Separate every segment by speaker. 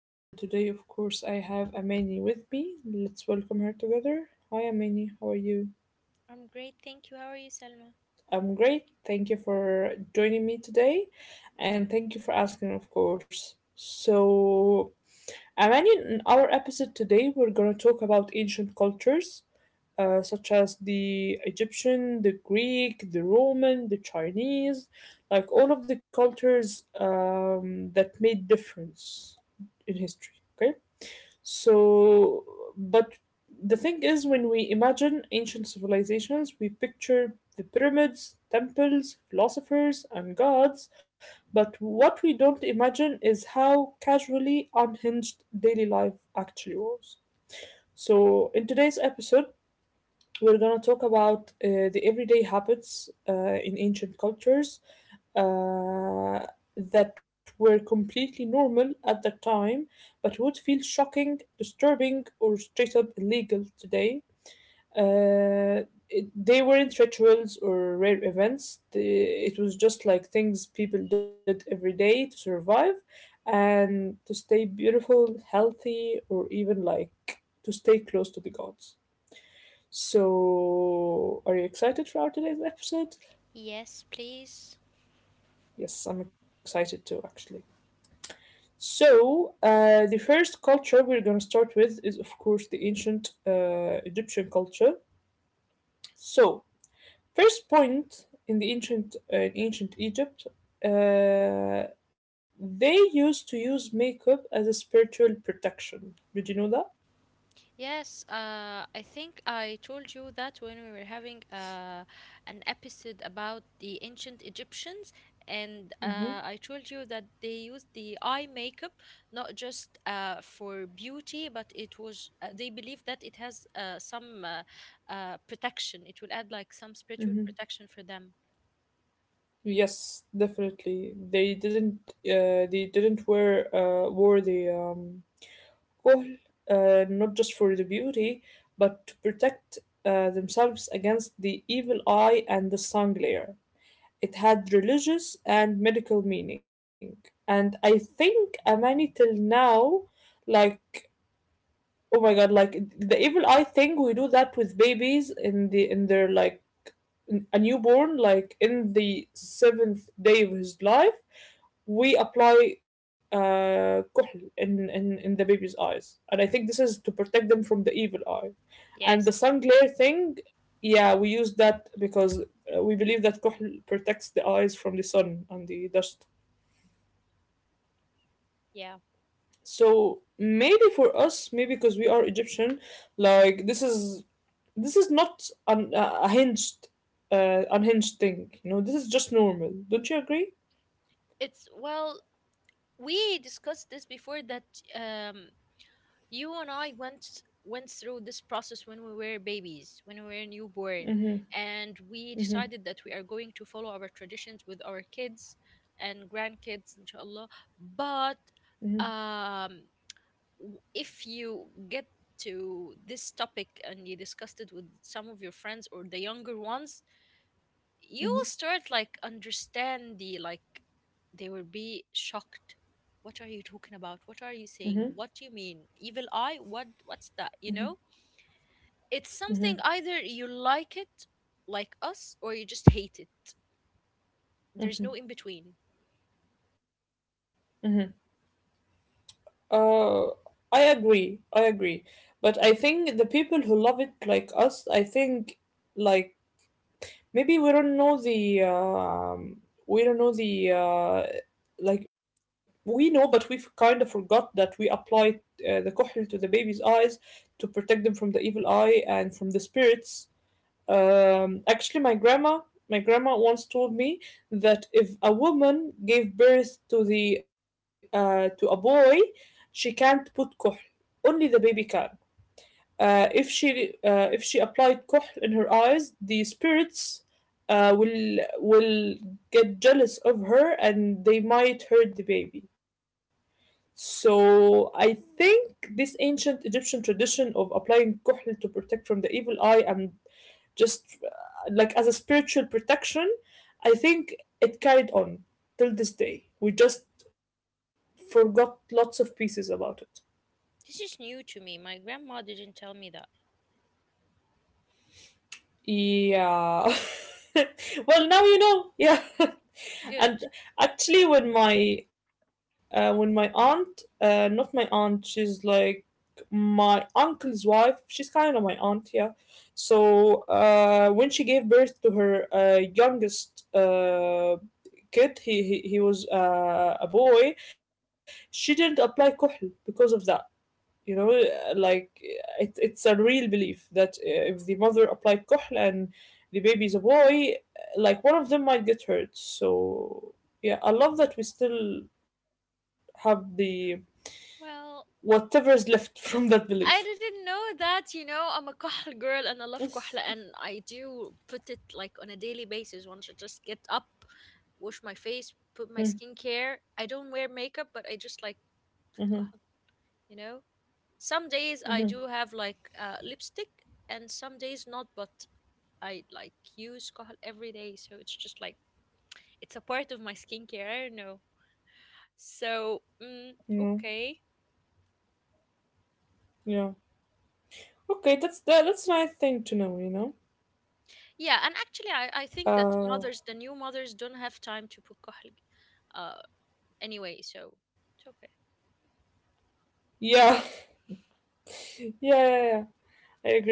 Speaker 1: and today, of course, I have Amani with me. Let's welcome her together. Hi, Amani. How are you?
Speaker 2: I'm great, thank you. How are you, Selma?
Speaker 1: I'm great. Thank you for joining me today, and thank you for asking, of course. So, Amani, in our episode today, we're gonna talk about ancient cultures such as the Egyptian, the Greek, the Roman, the Chinese, like all of the cultures that made difference in history. Okay, so but the thing is, when we imagine ancient civilizations, we picture the pyramids, temples, philosophers, and gods, but what we don't imagine is how casually unhinged daily life actually was. So, in today's episode, we're gonna talk about the everyday habits in ancient cultures uh, that were completely normal at that time, but would feel shocking, disturbing, or straight up illegal today. They weren't rituals or rare events. It was just like things people did every day to survive and to stay beautiful, healthy, or even like to stay close to the gods. So, are you excited for our today's episode?
Speaker 2: Yes, please.
Speaker 1: Yes, I'm excited too, actually. So, the first culture we're going to start with is, of course, the ancient Egyptian culture. So, first point in the ancient in ancient Egypt, uh, they used to use makeup as a spiritual protection. Did you know that?
Speaker 2: Yes, I think I told you that when we were having an episode about the ancient Egyptians, and
Speaker 1: Mm-hmm.
Speaker 2: I told you that they used the eye makeup not just for beauty, but it was they believe that it has some protection. It will add like some spiritual
Speaker 1: Mm-hmm.
Speaker 2: protection for them.
Speaker 1: Yes, definitely. They didn't. They didn't wear. Wore the Kohl, not just for the beauty, but to protect themselves against the evil eye and the sun glare. It had religious and medical meaning. And I think Amani till now, like, oh my god, like the evil eye thing, we do that with babies in their like a newborn like in the seventh day of his life we apply كحل in the baby's eyes. And I think this is to protect them from the evil eye. And the
Speaker 2: Yes,
Speaker 1: sun glare thing, yeah, we use that because we believe that كحل protects the eyes from the sun and the dust.
Speaker 2: yeah.
Speaker 1: So maybe for us, maybe because we are Egyptian, like this is not an, a hinged unhinged thing, this is just normal. Don't you agree?
Speaker 2: It's well, we discussed this before that. Um, You and I went through this process when we were babies, when we were newborn, and we
Speaker 1: Hmm.
Speaker 2: decided that we are going to follow our traditions with our kids and grandkids, inshallah. But
Speaker 1: Hmm.
Speaker 2: um, if you get to this topic and you discussed it with some of your friends or the younger ones, you will
Speaker 1: Hmm.
Speaker 2: start like understand the like they will be shocked. What are you talking about? What are
Speaker 1: Hmm.
Speaker 2: you saying? What do you mean evil eye? What's that, you know? It's
Speaker 1: Hmm.
Speaker 2: something either you like it like us or you just hate it. There's no in between.
Speaker 1: Hmm. uh I agree. But I think the people who love it, like us, I think, like, maybe we don't know the we don't know the like we know, but we've kind of forgot that we applied the kohl to the baby's eyes to protect them from the evil eye and from the spirits. Actually, my grandma once told me that if a woman gave birth to the to a boy. She can't put kohl, only the baby can. If she applied kohl in her eyes, the spirits will get jealous of her and they might hurt the baby. So I think this ancient Egyptian tradition of applying kohl to protect from the evil eye and just like as a spiritual protection, I think it carried on till this day. We just forgot lots of pieces about it.
Speaker 2: This is new to me. My grandma didn't tell me that.
Speaker 1: Yeah. Well, now you know. Yeah.
Speaker 2: Good.
Speaker 1: And actually, when my aunt, not my aunt, she's like my uncle's wife. She's kind of my aunt, yeah. So when she gave birth to her youngest kid, he was a boy. She didn't apply kuhl because of that, like it's a real belief that if the mother applied kohl and the baby's a boy, like one of them might get hurt. So, yeah, I love that we still have the
Speaker 2: Well,
Speaker 1: whatever's left from that belief.
Speaker 2: I didn't know that, you know, I'm a Kohl girl and I love Kohla and I do put it like on a daily basis once I just get up, wash my face, put my
Speaker 1: Hmm.
Speaker 2: skincare. I don't wear makeup, but I just like
Speaker 1: Mm-hmm.
Speaker 2: put بتكحل, you know. Some
Speaker 1: Mm.
Speaker 2: days I do have like lipstick, and some days not. But I like use كحل every day, so it's just like it's a part of my skincare. I don't know. So
Speaker 1: You know.
Speaker 2: okay,
Speaker 1: Yeah, okay, that's a nice thing to know.
Speaker 2: yeah. And actually, I think that
Speaker 1: uh
Speaker 2: mothers, the new mothers, don't have time to put كحل, uh anyway. So it's okay.
Speaker 1: yeah. Yeah, yeah, yeah. I agree.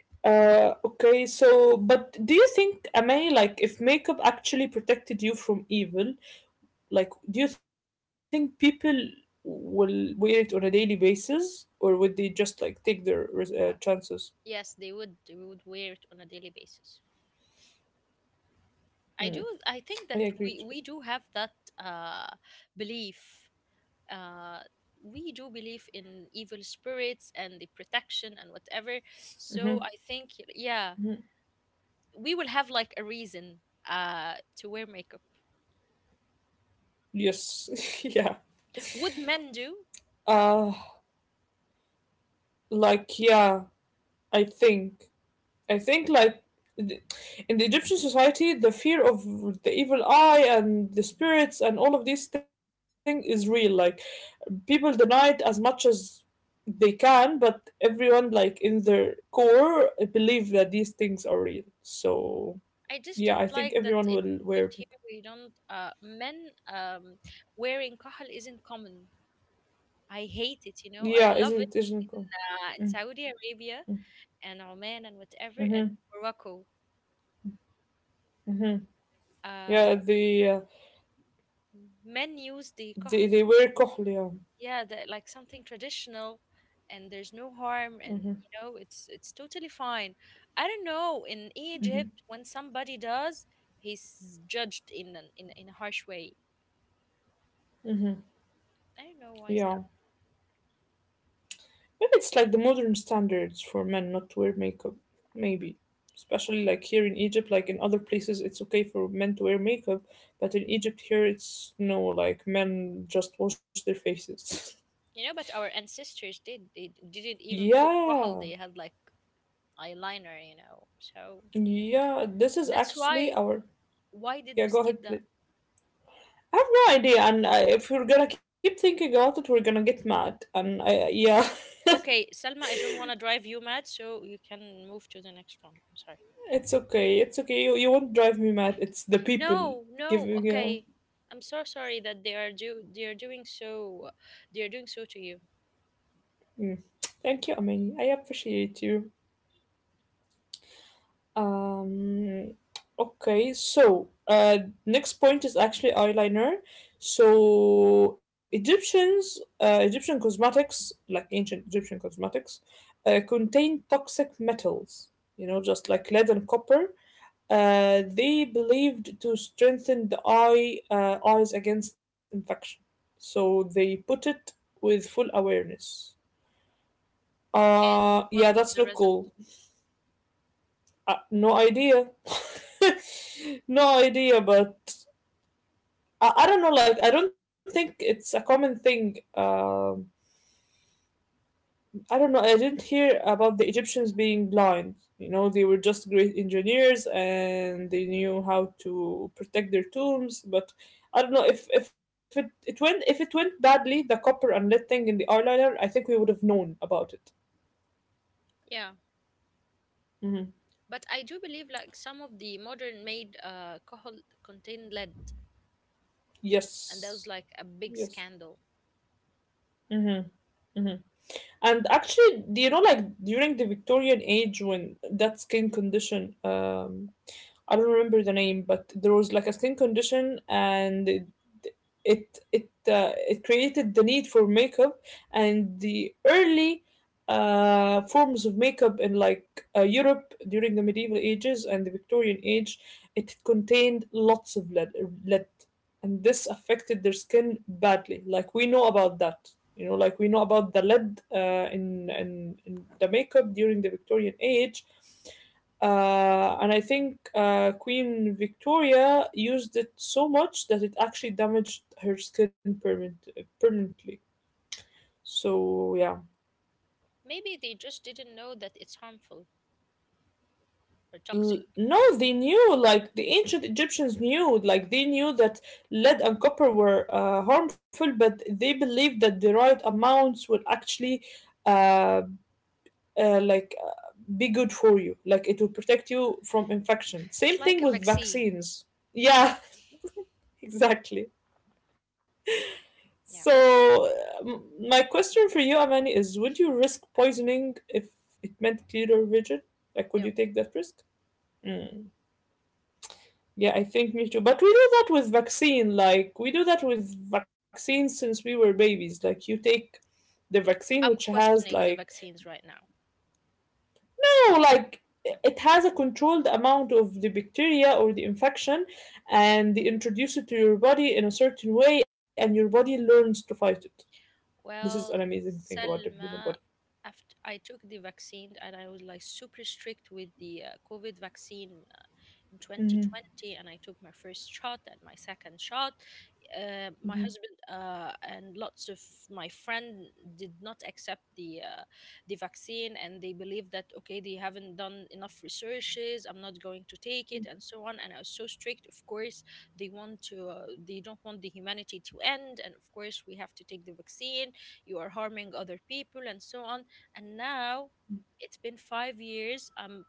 Speaker 1: Okay, so but do you think, Amay, like if makeup actually protected you from evil, like do you think people will wear it on a daily basis, or would they just like take their chances?
Speaker 2: Yes, they would wear it on a daily basis. I do. I
Speaker 1: I
Speaker 2: think that
Speaker 1: agree
Speaker 2: we
Speaker 1: too.
Speaker 2: we do have that uh, belief. Uh, we do believe in evil spirits and the protection and whatever. So I think yeah, we will have like a reason to wear makeup.
Speaker 1: Yes, yeah.
Speaker 2: Would men do?
Speaker 1: Uh, like, yeah, I think I think like th- in the Egyptian society, the fear of the evil eye and the spirits and all of these things is real. Like people deny it as much as they can, but everyone, like, in their core believe that these things are real. So
Speaker 2: I just
Speaker 1: yeah, I
Speaker 2: don't
Speaker 1: think
Speaker 2: like that
Speaker 1: everyone
Speaker 2: in
Speaker 1: will wear
Speaker 2: Egypt
Speaker 1: burqa.
Speaker 2: here we don't men wearing kahal isn't common. I hate it. You know, I
Speaker 1: Yeah,
Speaker 2: love it
Speaker 1: isn't it cool?
Speaker 2: in
Speaker 1: Mm.
Speaker 2: Saudi Arabia and Oman and whatever and
Speaker 1: Mm-hmm.
Speaker 2: Morocco.
Speaker 1: Mm-hmm.
Speaker 2: Uh,
Speaker 1: Yeah, they uh,
Speaker 2: men use the kahal,
Speaker 1: they they wear kohl, yeah.
Speaker 2: yeah, the, like something traditional, and there's no harm, and you know it's totally fine. I don't know in
Speaker 1: Mm-hmm.
Speaker 2: Egypt when somebody does, he's judged in in a harsh way.
Speaker 1: Mm-hmm.
Speaker 2: I don't know
Speaker 1: Yeah.
Speaker 2: why is that,
Speaker 1: Maybe it's like the modern standards for men not to wear makeup. Maybe. Especially like here in Egypt, like in other places, it's okay for men to wear makeup, but in Egypt here, it's no, like men just wash their faces.
Speaker 2: you know. But our ancestors did they didn't even put kahal;
Speaker 1: Yeah,
Speaker 2: they had like eyeliner, you know. So
Speaker 1: yeah, this is
Speaker 2: that's why
Speaker 1: actually our.
Speaker 2: did
Speaker 1: Yeah,
Speaker 2: we
Speaker 1: go
Speaker 2: skip
Speaker 1: ahead,
Speaker 2: that?
Speaker 1: please. I have no idea, and if we're gonna keep thinking about it, we're gonna get mad. And yeah,
Speaker 2: Okay, Selma, I don't want to drive you mad, so you can move to the next one. I'm sorry.
Speaker 1: it's okay, it's okay. You won't drive me mad. It's the people
Speaker 2: No, no.
Speaker 1: giving. Yeah,
Speaker 2: Okay. I'm so sorry that they are doing so, they are doing so to you.
Speaker 1: mm. Thank you, Amani. I appreciate you. Um, okay, so next point is actually eyeliner. So Egyptian cosmetics, like ancient Egyptian cosmetics, contain toxic metals. You know, just like lead and copper. They believed to strengthen the eyes against infection. So they put it with full awareness.
Speaker 2: And what
Speaker 1: Yeah,
Speaker 2: was
Speaker 1: that's
Speaker 2: the
Speaker 1: not
Speaker 2: result?
Speaker 1: cool. No idea. No idea, but I don't know. Like, I don't think it's a common thing. I don't know. I didn't hear about the Egyptians being blind. You know, they were just great engineers and they knew how to protect their tombs. But I don't know if it went badly, the copper and lead thing in the eyeliner. I think we would have known about it.
Speaker 2: Yeah.
Speaker 1: Hmm.
Speaker 2: But I do believe like some of the modern made alcohol contain lead and that was
Speaker 1: Yes.
Speaker 2: like a big
Speaker 1: Yes.
Speaker 2: scandal.
Speaker 1: Mm-hmm. Mm-hmm. And actually, do you know, like during the Victorian age, when that skin condition, I don't remember the name, but there was like a skin condition, and it created the need for makeup, and the early forms of makeup in like Europe during the medieval ages and the Victorian age, it contained lots of lead and this affected their skin badly. Like we know about that, like we know about the lead in the makeup during the Victorian age, and I think Queen Victoria used it so much that it actually damaged her skin permanently. So yeah.
Speaker 2: Maybe they just didn't know that it's harmful or toxic.
Speaker 1: No, they knew, like the ancient Egyptians knew, like they knew that lead and copper were harmful, but they believed that the right amounts would actually, uh, like, be good for you. Like it will protect you from infection.
Speaker 2: It's
Speaker 1: Same
Speaker 2: like
Speaker 1: thing
Speaker 2: a
Speaker 1: with
Speaker 2: vaccine.
Speaker 1: vaccines. Yeah, exactly.
Speaker 2: Yeah.
Speaker 1: So, my question for you, Amani, is: Would you risk poisoning if it meant clearer vision? Like, would you
Speaker 2: No.
Speaker 1: take that risk? Hmm. Yeah, I think me too. But we do that with vaccine. Like we do that with vaccines since we were babies. Like you take the vaccine, which
Speaker 2: I'm
Speaker 1: has like
Speaker 2: questioning the vaccines right now.
Speaker 1: no, like it has a controlled amount of the bacteria or the infection, and they introduce it to your body in a certain way, and your body learns to fight it. This is an
Speaker 2: Well,
Speaker 1: amazing thing about the human
Speaker 2: Selma,
Speaker 1: body.
Speaker 2: after I took the vaccine and I was like super strict with the COVID vaccine in
Speaker 1: Hmm.
Speaker 2: 2020 and I took my first shot and my second shot. My
Speaker 1: Hmm.
Speaker 2: husband and lots of my friend did not accept the vaccine and they believe that okay they haven't done enough researches, I'm not going to take it and so on, and I was so strict, of course. They want to they don't want the humanity to end, and of course we have to take the vaccine. You are harming other people and so on. And now it's been 5 years, I'm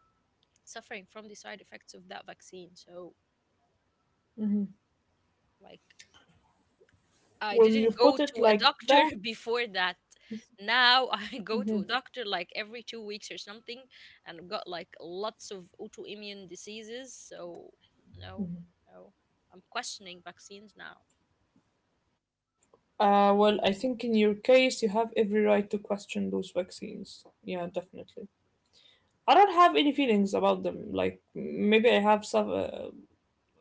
Speaker 2: suffering from the side effects of that vaccine. So, like, I
Speaker 1: When
Speaker 2: didn't
Speaker 1: you
Speaker 2: go
Speaker 1: put it
Speaker 2: to a
Speaker 1: like that,
Speaker 2: doctor before that. Now I go to a
Speaker 1: mhm,
Speaker 2: doctor like every 2 weeks or something, and I've got like lots of autoimmune diseases. So, no, no, I'm questioning vaccines now.
Speaker 1: well, I think in your case you have every right to question those vaccines. Yeah, definitely. I don't have any feelings about them. Like maybe I have some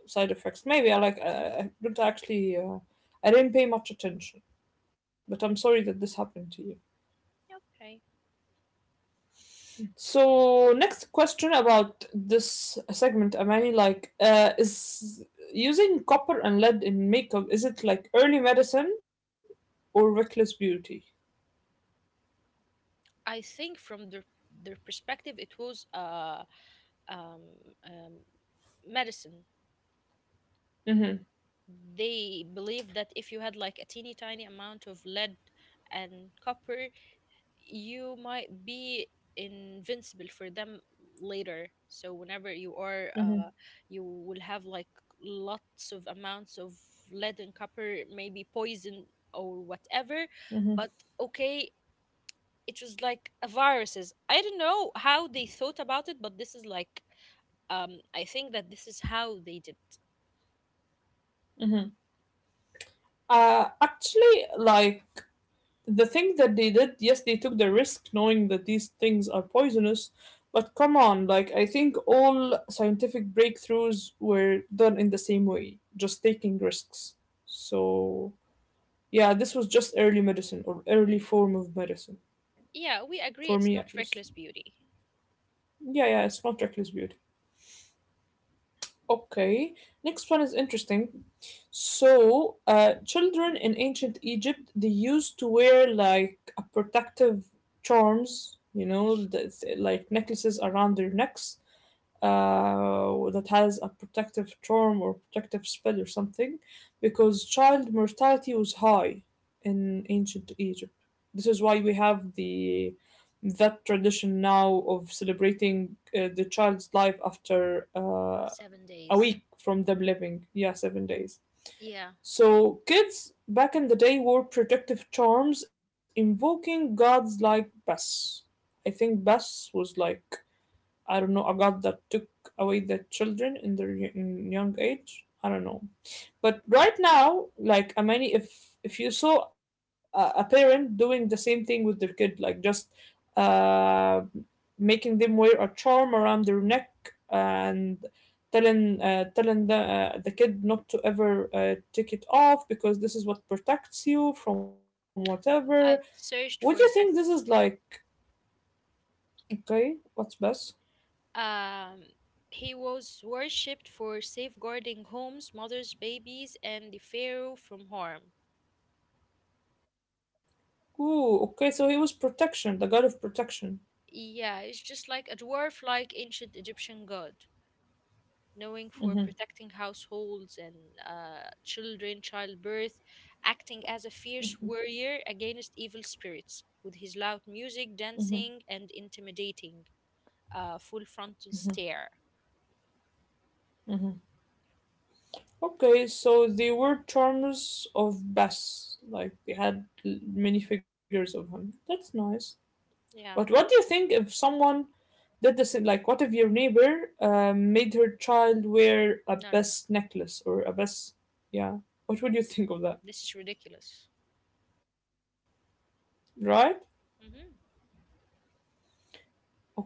Speaker 1: side effects. Maybe I like, I don't actually. I didn't pay much attention. But I'm sorry that this happened to you.
Speaker 2: Yeah, okay,
Speaker 1: So next question about this segment, Amani, like is using copper and lead in makeup, is it like early medicine or reckless beauty?
Speaker 2: I think from their perspective, it was um um medicine.
Speaker 1: Mm-hmm.
Speaker 2: They believed that if you had like a teeny tiny amount of lead and copper, you might be invincible for them later, so whenever you are
Speaker 1: Mm-hmm.
Speaker 2: you will have like lots of amounts of lead and copper, maybe poison or whatever, but okay, it was like a viruses, I don't know how they thought about it, but this is like I think that this is how they did.
Speaker 1: Mm-hmm. Actually, like, the thing that they did, yes, they took the risk knowing that these things are poisonous, but come on, like, I think all scientific breakthroughs were done in the same way, just taking risks. So, yeah, this was just early medicine or early form of medicine,
Speaker 2: Yeah, we agree
Speaker 1: for
Speaker 2: it's
Speaker 1: me at
Speaker 2: not
Speaker 1: least.
Speaker 2: reckless beauty.
Speaker 1: Yeah, yeah, it's not reckless beauty. Okay, next one is interesting. So, children in ancient Egypt, they used to wear like a protective charms, you know, that's, like necklaces around their necks that has a protective charm or protective spell or something, because child mortality was high in ancient Egypt. This is why we have the that tradition now of celebrating the child's life after.
Speaker 2: seven
Speaker 1: A
Speaker 2: days
Speaker 1: week from them living. Yeah, 7 days.
Speaker 2: yeah.
Speaker 1: So kids back in the day wore protective charms invoking gods like Bas. I think Bas was like I don't know a god that took away the children in young age. I don't know. But right now, like I mean, if you saw a parent doing the same thing with their kid, like just uh, making them wear a charm around their neck and telling the the kid not to ever take it off because this is what protects you from whatever.
Speaker 2: I've searched
Speaker 1: What
Speaker 2: for
Speaker 1: do you
Speaker 2: it but
Speaker 1: think this is like? Okay, what's best?
Speaker 2: Um, he was worshipped for safeguarding homes, mothers, babies, and the pharaoh from harm.
Speaker 1: Ooh, okay, so he was protection, the god of protection.
Speaker 2: Yeah, it's just like a dwarf like ancient Egyptian god, knowing for
Speaker 1: Mm-hmm,
Speaker 2: protecting households and children, childbirth, acting as a fierce warrior against evil spirits with his loud music,
Speaker 1: mm-hmm.
Speaker 2: dancing, and intimidating full frontal stare.
Speaker 1: Okay, so they were charmers of Bess. Like, they had many figures of him. That's nice. But
Speaker 2: Yeah,
Speaker 1: what do you think if someone did this? In, like, what if your neighbor made her child wear a
Speaker 2: no, no, no.
Speaker 1: Bess necklace or a Bess? Yeah. What would you think of that?
Speaker 2: This is ridiculous.
Speaker 1: Right?
Speaker 2: Mm-hmm.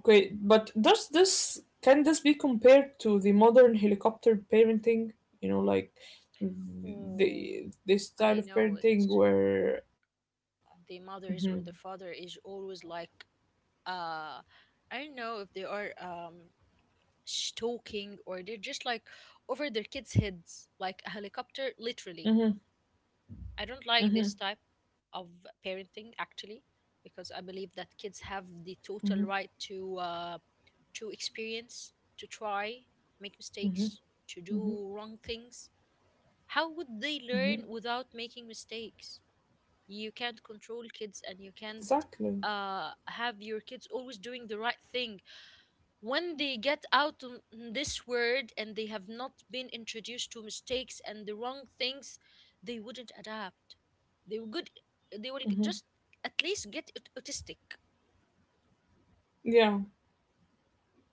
Speaker 1: Okay, but does this can this be compared to the modern helicopter parenting? You know, like
Speaker 2: Oh,
Speaker 1: the
Speaker 2: I
Speaker 1: style of
Speaker 2: know it.
Speaker 1: parenting where. Hmm.
Speaker 2: The mothers or the father is always like uh I don't know if they are stalking or they're just like over their kids heads like a helicopter literally.
Speaker 1: Hmm.
Speaker 2: I don't like
Speaker 1: Hmm.
Speaker 2: this type of parenting actually, because I believe that kids have
Speaker 1: Mhm.
Speaker 2: the total right to experience, to try, make
Speaker 1: Mhm.
Speaker 2: mistakes, to
Speaker 1: Mhm.
Speaker 2: do wrong things. How would they learn
Speaker 1: Mhm.
Speaker 2: without making mistakes? You can't control kids and you can't
Speaker 1: Exactly.
Speaker 2: have your kids always doing the right thing when they get out on this world and they have not been introduced to mistakes and the wrong things. They wouldn't adapt. they will good they will
Speaker 1: Mhm.
Speaker 2: just at least get autistic.
Speaker 1: Yeah.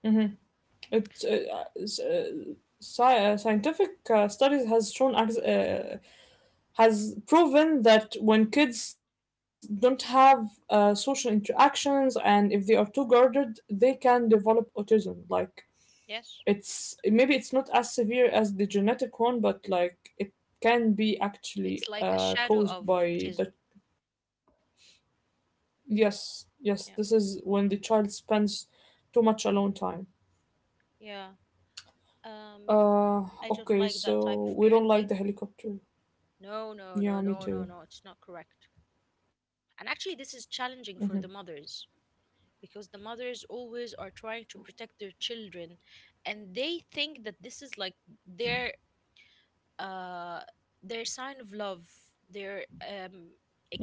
Speaker 1: Mhm. It, uh, s- uh, scientific studies has shown has proven that when kids don't have social interactions and if they are too guarded, they can develop autism. Like
Speaker 2: Yes,
Speaker 1: it's maybe it's not as severe as the genetic one, but like it can be actually
Speaker 2: it's like a shadow
Speaker 1: caused
Speaker 2: of
Speaker 1: by
Speaker 2: autism.
Speaker 1: the. Yes, yes, this is
Speaker 2: Yeah,
Speaker 1: when the child spends too much alone time.
Speaker 2: yeah, um
Speaker 1: Uh,
Speaker 2: I don't
Speaker 1: okay,
Speaker 2: like that type
Speaker 1: so
Speaker 2: of
Speaker 1: we don't like
Speaker 2: parenting.
Speaker 1: the helicopter.
Speaker 2: No, no, no,
Speaker 1: Yeah, me
Speaker 2: no, no,
Speaker 1: too.
Speaker 2: no, it's not correct. And actually this is
Speaker 1: Mm-hmm,
Speaker 2: challenging for the mothers, because the mothers always are trying to protect their children, and they think that this is like their uh their sign of love. They're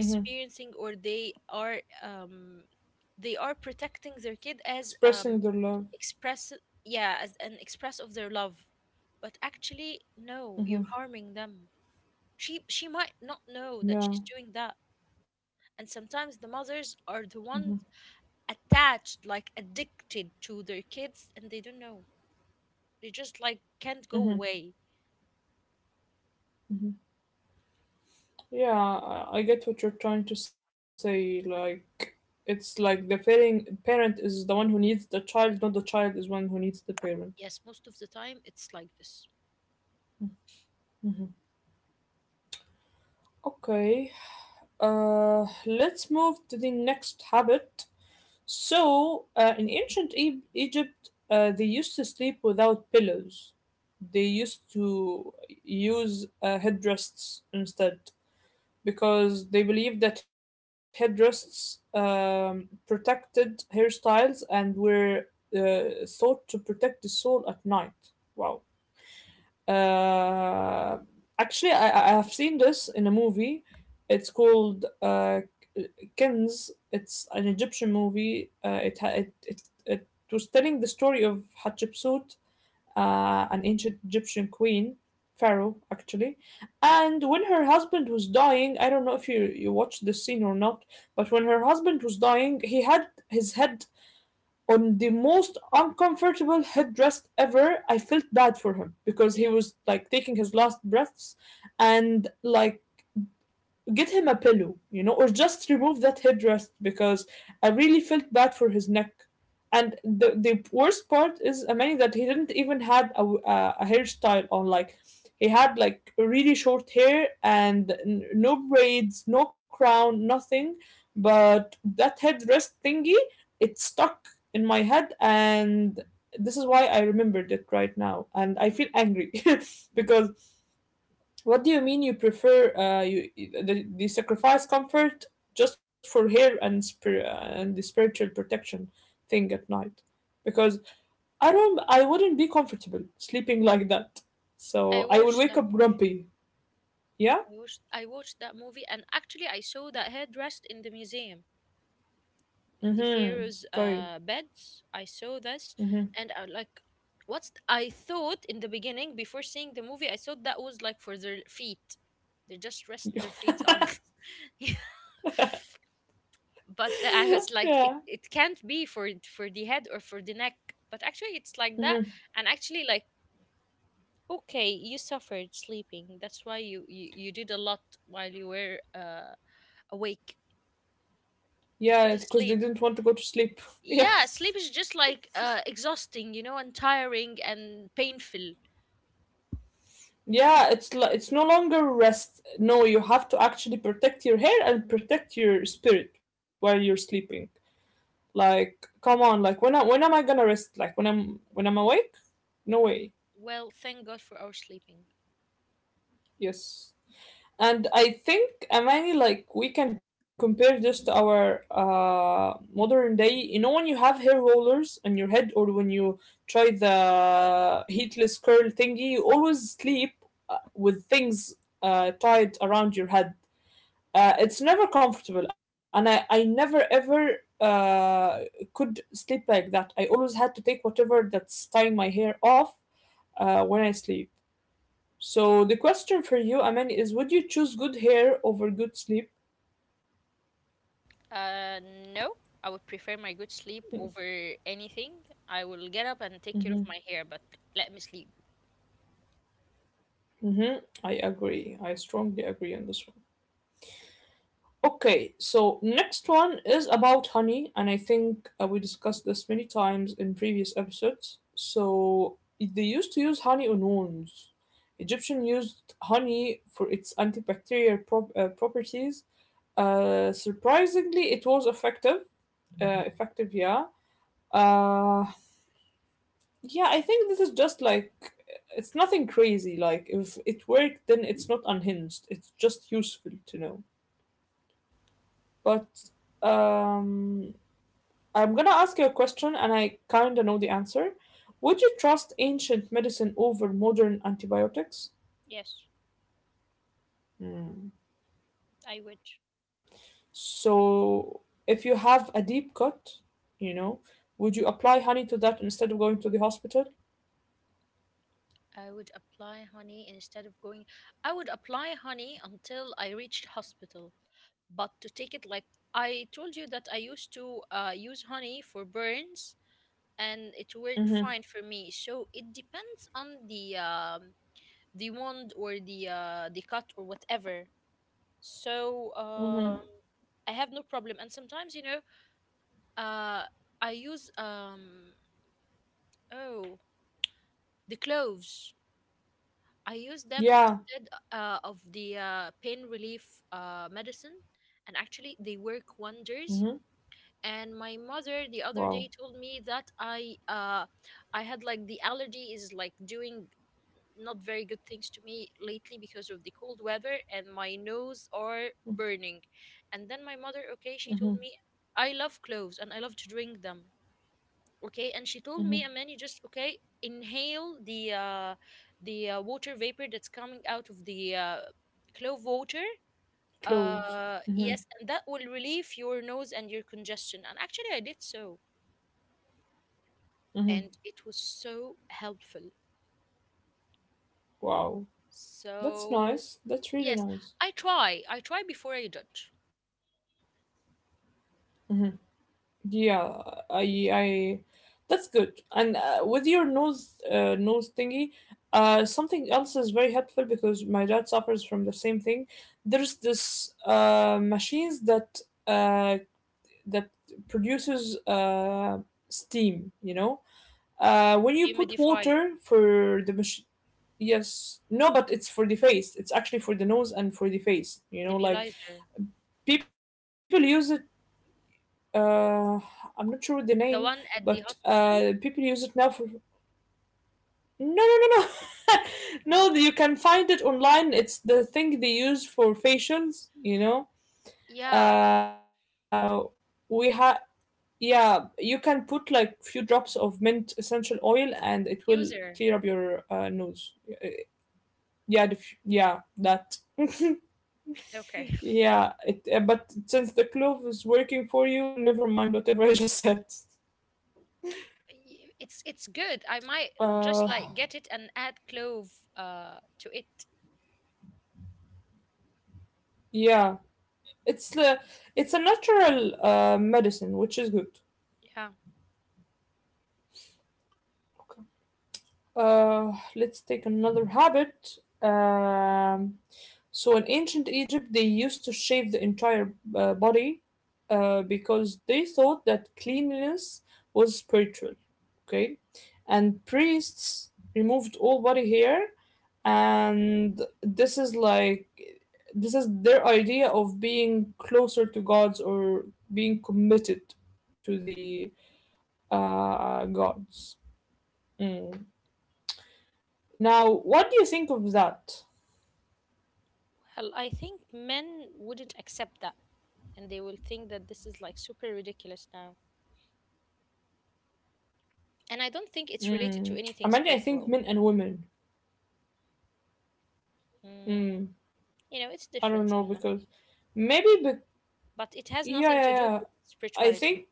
Speaker 1: mm-hmm.
Speaker 2: or they are protecting their kid as
Speaker 1: Expressing their love.
Speaker 2: express yeah, as an express of their love. But actually no, you're harming them. She might not know that
Speaker 1: Yeah,
Speaker 2: she's doing that. And sometimes the mothers are the one attached, like addicted to their kids, and they don't know. They just like can't go away.
Speaker 1: yeah, I get what you're trying to say. Like, it's like the parent is the one who needs the child, not the child is one who needs the parent.
Speaker 2: Yes, most of the time it's like this.
Speaker 1: Okay, let's move to the next habit. So, in ancient Egypt, they used to sleep without pillows. They used to use headrests instead because they believed that headrests protected hairstyles and were thought to protect the soul at night. Wow. Uh, Actually, I have seen this in a movie. It's called Kins. It's an Egyptian movie. It, ha- it was telling the story of Hatshepsut, an ancient Egyptian queen, pharaoh actually. And when her husband was dying, I don't know if you watched this scene or not, but when her husband was dying, he had his head on the most uncomfortable headdress ever. I felt bad for him because he
Speaker 2: Yeah.
Speaker 1: was like taking his last breaths and like get him a pillow, or just remove that headdress because I really felt bad for his neck. And the worst part is Amani that he didn't even had a hairstyle on. Like he had like really short hair and no braids, no crown, nothing. But that headrest thingy, it stuck in my head, and this is why I remembered it right now. And I feel angry because what do you mean you prefer the sacrifice comfort just for hair and and the spiritual protection thing at night? Because I don't, I wouldn't be comfortable sleeping like that.
Speaker 2: I
Speaker 1: So I will
Speaker 2: watched
Speaker 1: wake
Speaker 2: that
Speaker 1: up
Speaker 2: movie.
Speaker 1: grumpy. Yeah.
Speaker 2: I watched that movie, and actually I saw that headrest in the museum in the
Speaker 1: Mm-hmm.
Speaker 2: pharaoh's
Speaker 1: Okay.
Speaker 2: beds. I saw this
Speaker 1: Mm-hmm.
Speaker 2: and I like I thought in the beginning, before seeing the movie, I thought that was like for their feet. They just rest their feet on. But I was like,
Speaker 1: Yeah.
Speaker 2: it can't be for the head or for the neck. But actually, it's like that,
Speaker 1: Mm-hmm.
Speaker 2: and actually, like okay, you suffered sleeping. That's why you did a lot while you were awake. You
Speaker 1: Yeah,
Speaker 2: couldn't
Speaker 1: because they
Speaker 2: sleep.
Speaker 1: didn't want to go to sleep. Yeah.
Speaker 2: Yeah, sleep is just like exhausting, you know, and tiring and painful.
Speaker 1: Yeah, it's no longer rest. No, you have to actually protect your hair and protect your spirit while you're sleeping. Like, come on, like when am I gonna rest? Like when I'm awake? No way.
Speaker 2: Well, thank God for our sleeping.
Speaker 1: Yes. And I think Amani, like we can compare this to our modern day. You know, when you have hair rollers on your head, or when you try the heatless curl thingy, you always sleep with things tied around your head. It's never comfortable, and I never ever could sleep like that. I always had to take whatever that's tying my hair off when I sleep. So the question for you, aman, is would you choose good hair over good sleep?
Speaker 2: Uh, no, I would prefer my good sleep over anything. I will get up and take care of
Speaker 1: Mm-hmm.
Speaker 2: my hair, but let me sleep.
Speaker 1: Mm-hmm. I agree, I strongly agree on this one. Okay, so next one is about honey, and I think we discussed this many times in previous episodes. So they used to use honey on wounds. Egyptian used honey for its antibacterial properties. Surprisingly, it was effective. Effective, yeah. Uh, yeah, I think this is just like it's nothing crazy. Like if it worked, then it's not unhinged. It's just useful to know. But um I'm gonna ask you a question, and I kinda know the answer. Would you trust ancient medicine over modern antibiotics?
Speaker 2: Yes,
Speaker 1: Hmm.
Speaker 2: I would.
Speaker 1: So, if you have a deep cut, you know, would you apply honey to that instead of going to the hospital?
Speaker 2: I would apply honey instead of going. I would apply honey until I reached hospital. But to take it like I told you that I used to use honey for burns and it worked
Speaker 1: Mm-hmm.
Speaker 2: fine for me. So it depends on the wound or the cut or whatever. So
Speaker 1: Mm-hmm.
Speaker 2: I have no problem. And sometimes you know uh, I use oh the cloves. I use them
Speaker 1: Yeah.
Speaker 2: instead of the pain relief medicine, and actually they work
Speaker 1: Mm-hmm.
Speaker 2: wonders. And my mother the
Speaker 1: Wow.
Speaker 2: other day told me that I had like the allergy is like doing not very good things to me lately because of the cold weather and my nose are burning. And then my mother, okay, she
Speaker 1: Mm-hmm.
Speaker 2: told me I love cloves and I love to drink them, okay, and she told
Speaker 1: Mm-hmm.
Speaker 2: me, Amani, just okay, inhale the water vapor that's coming out of the clove water.
Speaker 1: Clothes. Mm-hmm.
Speaker 2: Yes, and that will relieve your nose and your congestion, and actually I did so,
Speaker 1: Mm-hmm.
Speaker 2: and it was so helpful.
Speaker 1: Wow. That's
Speaker 2: So
Speaker 1: nice. That's really
Speaker 2: yes,
Speaker 1: nice.
Speaker 2: I try before I judge.
Speaker 1: Yeah, I that's good. And with your nose nose thingy, something else is very helpful because my dad suffers from the same thing. There's this machines that that produces steam. You know, when you put
Speaker 2: Humidifier.
Speaker 1: water for the machine. Yes, no, but it's for the face. It's actually for the nose and for the face. You know, like
Speaker 2: Nebulizer.
Speaker 1: people use it uh, I'm not sure the name,
Speaker 2: The one
Speaker 1: but
Speaker 2: at the
Speaker 1: people
Speaker 2: hospital.
Speaker 1: use it now for. No, no, no, no,
Speaker 2: No.
Speaker 1: no. You can find it online. It's the thing they use for facials. You know,
Speaker 2: Yeah.
Speaker 1: we have. Yeah, you can put like few drops of mint essential oil, and it will clear
Speaker 2: Diffuser.
Speaker 1: up your nose. Yeah, yeah, that.
Speaker 2: Okay,
Speaker 1: Yeah, it. But since the clove is working for you, never mind whatever I just said.
Speaker 2: it's good. I might
Speaker 1: Uh,
Speaker 2: just like get it and add clove to it.
Speaker 1: yeah. It's uh, it's a natural medicine, which is good.
Speaker 2: Yeah.
Speaker 1: Okay. Let's take another habit. So in ancient Egypt, they used to shave the entire body because they thought that cleanliness was spiritual. Okay, and priests removed all body hair, and this is like this is their idea of being closer to gods or being committed to the gods. Mm. Now, what do you think of that?
Speaker 2: Well, I think men wouldn't accept that and they will think that this is like super ridiculous now. And I don't think it's related to
Speaker 1: Mm.
Speaker 2: anything
Speaker 1: Imagine I think
Speaker 2: spiritual.
Speaker 1: men and women.
Speaker 2: Mm,
Speaker 1: Mm.
Speaker 2: it's
Speaker 1: I
Speaker 2: different,
Speaker 1: don't know
Speaker 2: Alma.
Speaker 1: because maybe, but
Speaker 2: But it has nothing
Speaker 1: yeah,
Speaker 2: to do
Speaker 1: yeah,
Speaker 2: with
Speaker 1: yeah. I
Speaker 2: spirituality.
Speaker 1: think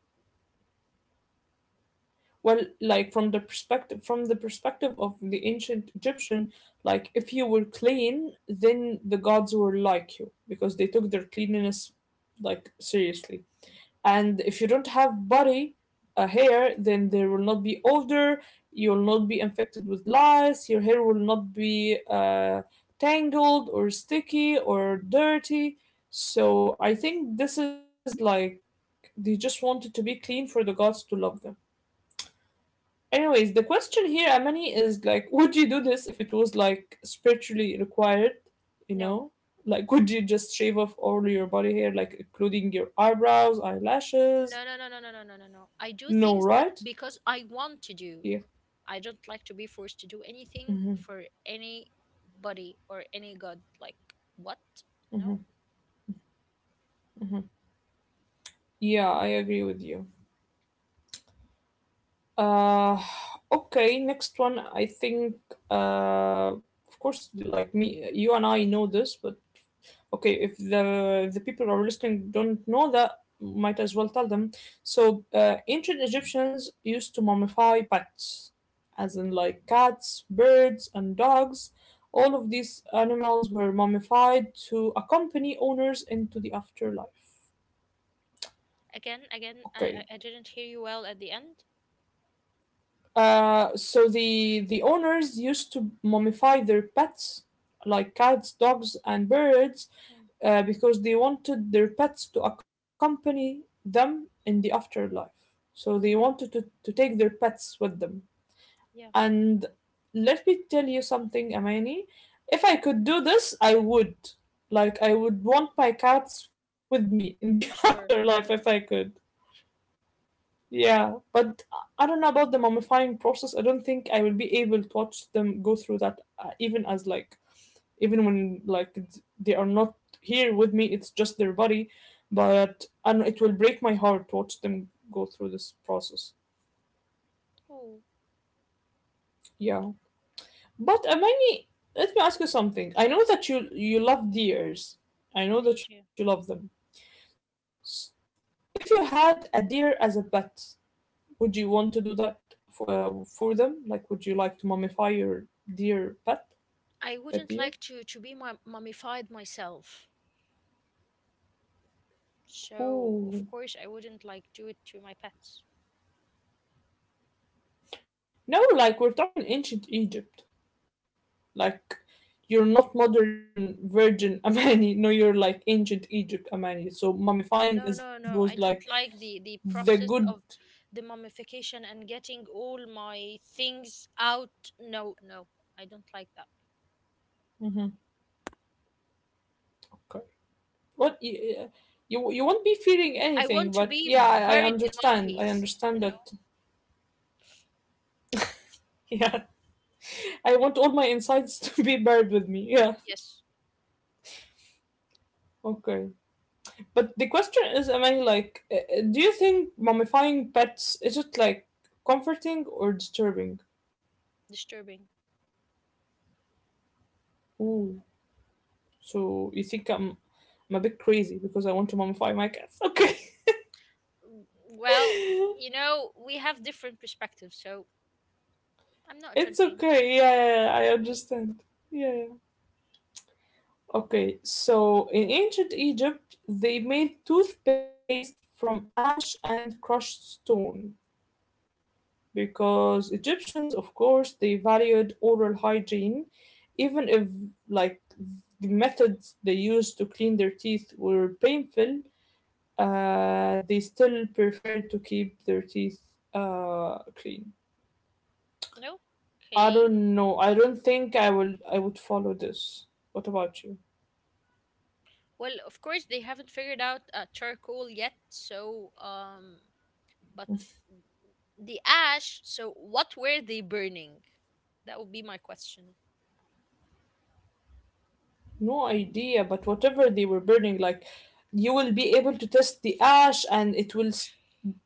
Speaker 1: well, like from the perspective of the ancient Egyptian, like if you were clean, then the gods were like you because they took their cleanliness like seriously. And if you don't have body hair, then there will not be odor. You will not be infected with lice. Your hair will not be tangled or sticky or dirty. So I think this is like they just wanted to be clean for the gods to love them. Anyways, the question here, amani, is like would you do this if it was like spiritually required, you
Speaker 2: No.
Speaker 1: know? Like would you just shave off all your body hair, like including your eyebrows, eyelashes?
Speaker 2: No, no, no, no, no, no, no, no, no. I do
Speaker 1: No,
Speaker 2: things that
Speaker 1: right?
Speaker 2: because I want to do.
Speaker 1: Yeah,
Speaker 2: I don't like to be forced to do anything for anybody or any god. Like, what? No.
Speaker 1: yeah, I agree with you. Uh, okay, next one. I think, of course, like me, you and I know this, but okay, if the people who are listening don't know that, might as well tell them. So, ancient Egyptians used to mummify pets, as in like cats, birds, and dogs. All of these animals were mummified to accompany owners into the afterlife.
Speaker 2: Again,
Speaker 1: Okay.
Speaker 2: I didn't hear you well at the end.
Speaker 1: So the owners used to mummify their pets, like cats, dogs, and birds,
Speaker 2: Hmm.
Speaker 1: because they wanted their pets to accompany them in the afterlife. So they
Speaker 2: Hmm.
Speaker 1: wanted to take their pets with them.
Speaker 2: Yeah,
Speaker 1: And let me tell you something, Amani. If I could do this, I would. Like, I would want my cats with me in the
Speaker 2: I'm sure.
Speaker 1: afterlife if I could. Yeah, but I don't know about the mummifying process. I don't think I will be able to watch them go through that, even as like, even when like they are not here with me, it's just their body. But I do and it will break my heart to watch them go through this process.
Speaker 2: Oh,
Speaker 1: Yeah, but Amani, let me ask you something. I know that you love deers. I know that you
Speaker 2: AJ.
Speaker 1: love them. S- If you had a deer as a pet, would you want to do that for them? Like, would you like to mummify your dear pet,
Speaker 2: I
Speaker 1: pet
Speaker 2: wouldn't
Speaker 1: deer?
Speaker 2: like to be mummified myself. So, of
Speaker 1: Ooh,
Speaker 2: course, I wouldn't like do it to my pets.
Speaker 1: no! Like we're talking ancient Egypt. Like you're not modern virgin Amani. No, you're like ancient Egypt Amani. So mummifying
Speaker 2: No,
Speaker 1: is
Speaker 2: no, no.
Speaker 1: was
Speaker 2: I
Speaker 1: like
Speaker 2: don't like the
Speaker 1: the
Speaker 2: process
Speaker 1: good.
Speaker 2: of the mummification and getting all my things out. No, no. I don't like that.
Speaker 1: Mhm. Okay. What you won't be feeling
Speaker 2: I
Speaker 1: anything,
Speaker 2: want to
Speaker 1: but
Speaker 2: be
Speaker 1: yeah, I
Speaker 2: buried in one
Speaker 1: understand. I
Speaker 2: piece,
Speaker 1: understand
Speaker 2: you
Speaker 1: that.
Speaker 2: know?
Speaker 1: Yeah, I want all my insights to be buried with me. Yeah.
Speaker 2: Yes,
Speaker 1: Okay. But the question is, am I like, do you think mummifying pets is it like comforting or disturbing?
Speaker 2: disturbing.
Speaker 1: Ooh, so you think I'm a bit crazy because I want to mummify my cats? Okay,
Speaker 2: W- Well, we have different perspectives, so I'm not
Speaker 1: it's
Speaker 2: judging.
Speaker 1: okay. Yeah, yeah, yeah, I understand. Yeah, yeah. Okay, so in ancient Egypt, they made toothpaste from ash and crushed stone, because Egyptians, of course, they valued oral hygiene, even if like the methods they used to clean their teeth were painful. They still preferred to keep their teeth clean.
Speaker 2: No?
Speaker 1: I
Speaker 2: Okay.
Speaker 1: don't know. I don't think I will. I would follow this. What about you?
Speaker 2: Well, of course they haven't figured out charcoal yet, so but the ash, so what were they burning? That would be my question.
Speaker 1: No idea, but whatever they were burning, like you will be able to test the ash, and it will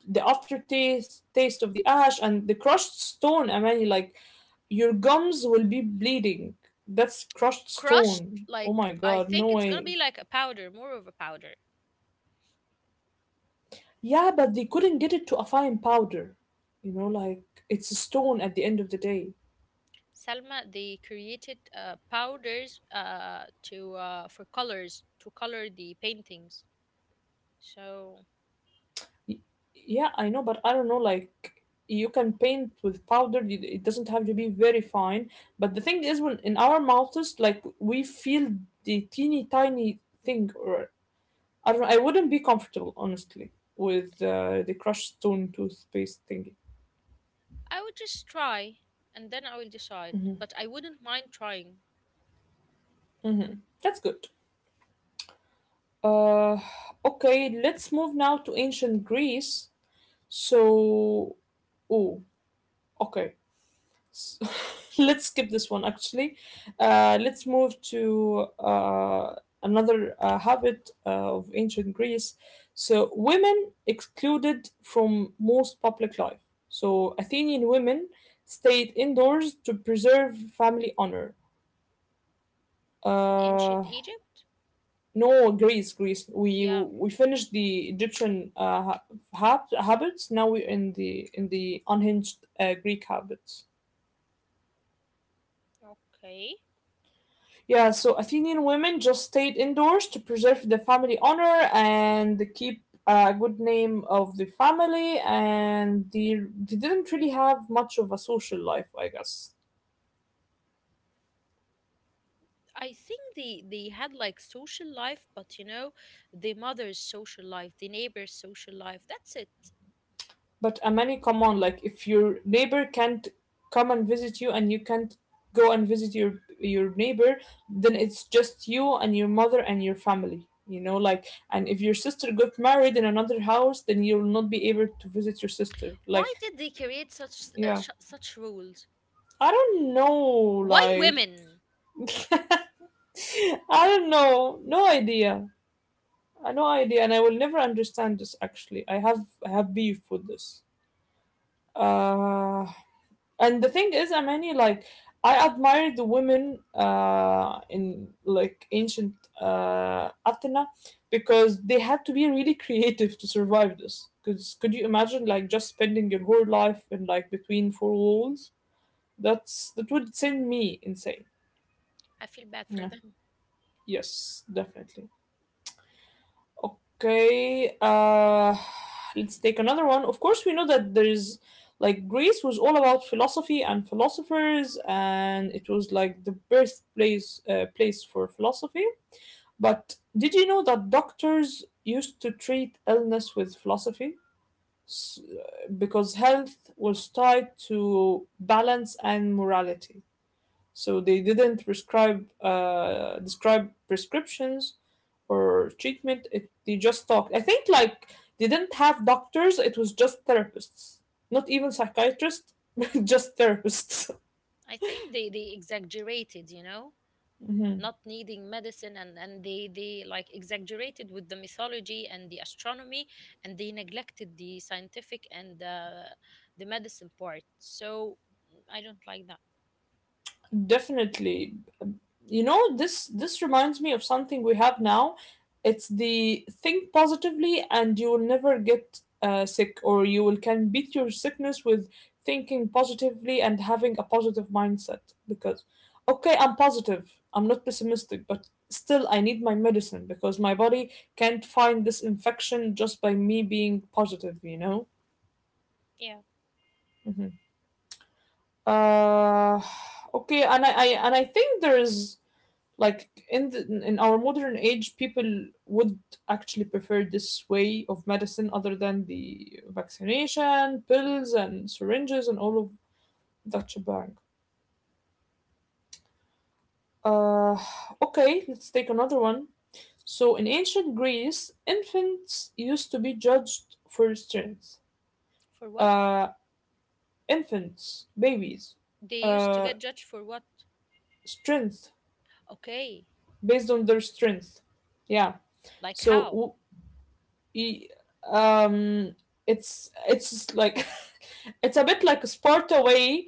Speaker 1: the aftertaste taste of the ash and the crushed stone. I mean, like your gums will be bleeding. That's crushed
Speaker 2: Crushed,
Speaker 1: stone. Oh my
Speaker 2: like
Speaker 1: god,
Speaker 2: I
Speaker 1: no
Speaker 2: think it's
Speaker 1: way.
Speaker 2: gonna be like a powder, more of a powder.
Speaker 1: Yeah, but they couldn't get it to a fine powder. You know, like it's a stone at the end of the day.
Speaker 2: Salma, they created powders to for colors to color the paintings. So
Speaker 1: Y- Yeah, I know, but I don't know. Like, you can paint with powder. It doesn't have to be very fine. But the thing is, when in our mouths, like we feel the teeny tiny thing. Or I don't know, I wouldn't be comfortable, honestly, with the crushed stone toothpaste thingy.
Speaker 2: I would just try, and then I will decide. But I wouldn't mind trying.
Speaker 1: Mm-hmm. That's good. Uh, okay, let's move now to ancient Greece. So, oh, okay. S- let's skip this one actually. Let's move to another habit of ancient Greece. So, women excluded from most public life. So, Athenian women stayed indoors to preserve family honor.
Speaker 2: In ancient
Speaker 1: Uh,
Speaker 2: Egypt.
Speaker 1: no, Greece, Greece. We
Speaker 2: Yeah.
Speaker 1: we finished the Egyptian habits. Now we're in the unhinged Greek habits.
Speaker 2: Okay.
Speaker 1: Yeah, so Athenian women just stayed indoors to preserve the family honor and keep a good name of the family, and they didn't really have much of a social life, I guess.
Speaker 2: I think they had like social life, but the mother's social life, the neighbor's social life. That's it.
Speaker 1: But a many come on, like if your neighbor can't come and visit you and you can't go and visit your neighbor, then it's just you and your mother and your family. You know, like, and if your sister got married in another house, then you'll not be able to visit your sister.
Speaker 2: Why
Speaker 1: Like,
Speaker 2: did they create such uh,
Speaker 1: yeah.
Speaker 2: sh- such rules?
Speaker 1: I don't know,
Speaker 2: Why
Speaker 1: like
Speaker 2: women?
Speaker 1: I don't know, no idea, I no idea, and I will never understand this. Actually, I have beef with this. Uh, and the thing is, I mean, like I admire the women in like ancient Athena, because they had to be really creative to survive this. Because could you imagine like just spending your whole life in like between four walls? That would send me insane.
Speaker 2: I feel bad for them.
Speaker 1: Yes, definitely. Okay, let's take another one. Of course, we know that there is like Greece was all about philosophy and philosophers, and it was like the birthplace place for philosophy. But did you know that doctors used to treat illness with philosophy? Because health was tied to balance and morality. So they didn't prescribe describe prescriptions or treatment. It, they just talked. I think like they didn't have doctors. It was just therapists, not even psychiatrists, just therapists.
Speaker 2: I think they exaggerated, not needing medicine, and they like exaggerated with the mythology and the astronomy, and they neglected the scientific and the medicine part. So I don't like that.
Speaker 1: Definitely. You know, this reminds me of something we have now. It's the think positively and you will never get sick, or you will can beat your sickness with thinking positively and having a positive mindset because okay, I'm positive. I'm not pessimistic, but still I need my medicine because my body can't find this infection just by me being positive, you know?
Speaker 2: Yeah,
Speaker 1: Hmm. Uh, okay, and I think there is like in the, in our modern age people would actually prefer this way of medicine other than the vaccination pills and syringes and all of that shebang. uh, okay, let's take another one. So in ancient greece infants used to be judged for strength.
Speaker 2: for what?
Speaker 1: uh, Infants, babies.
Speaker 2: They used to
Speaker 1: uh,
Speaker 2: get judged for what?
Speaker 1: Strength,
Speaker 2: Okay,
Speaker 1: based on their strength, yeah.
Speaker 2: like
Speaker 1: so
Speaker 2: how?
Speaker 1: w- Y- um it's like it's a bit like a Sparta way.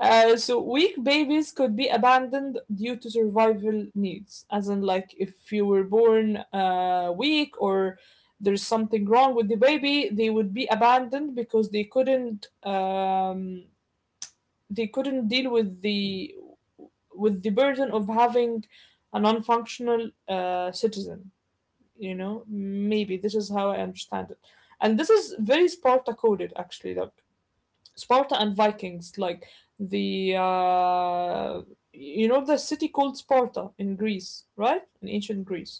Speaker 1: So weak babies could be abandoned due to survival needs, as in like if you were born weak or there's something wrong with the baby, they would be abandoned because they couldn't deal with the burden of having a non-functional citizen, you know, maybe this is how I understand it. And this is very Sparta coded actually, like Sparta and Vikings, like the you know the city called Sparta in Greece, right? In ancient Greece.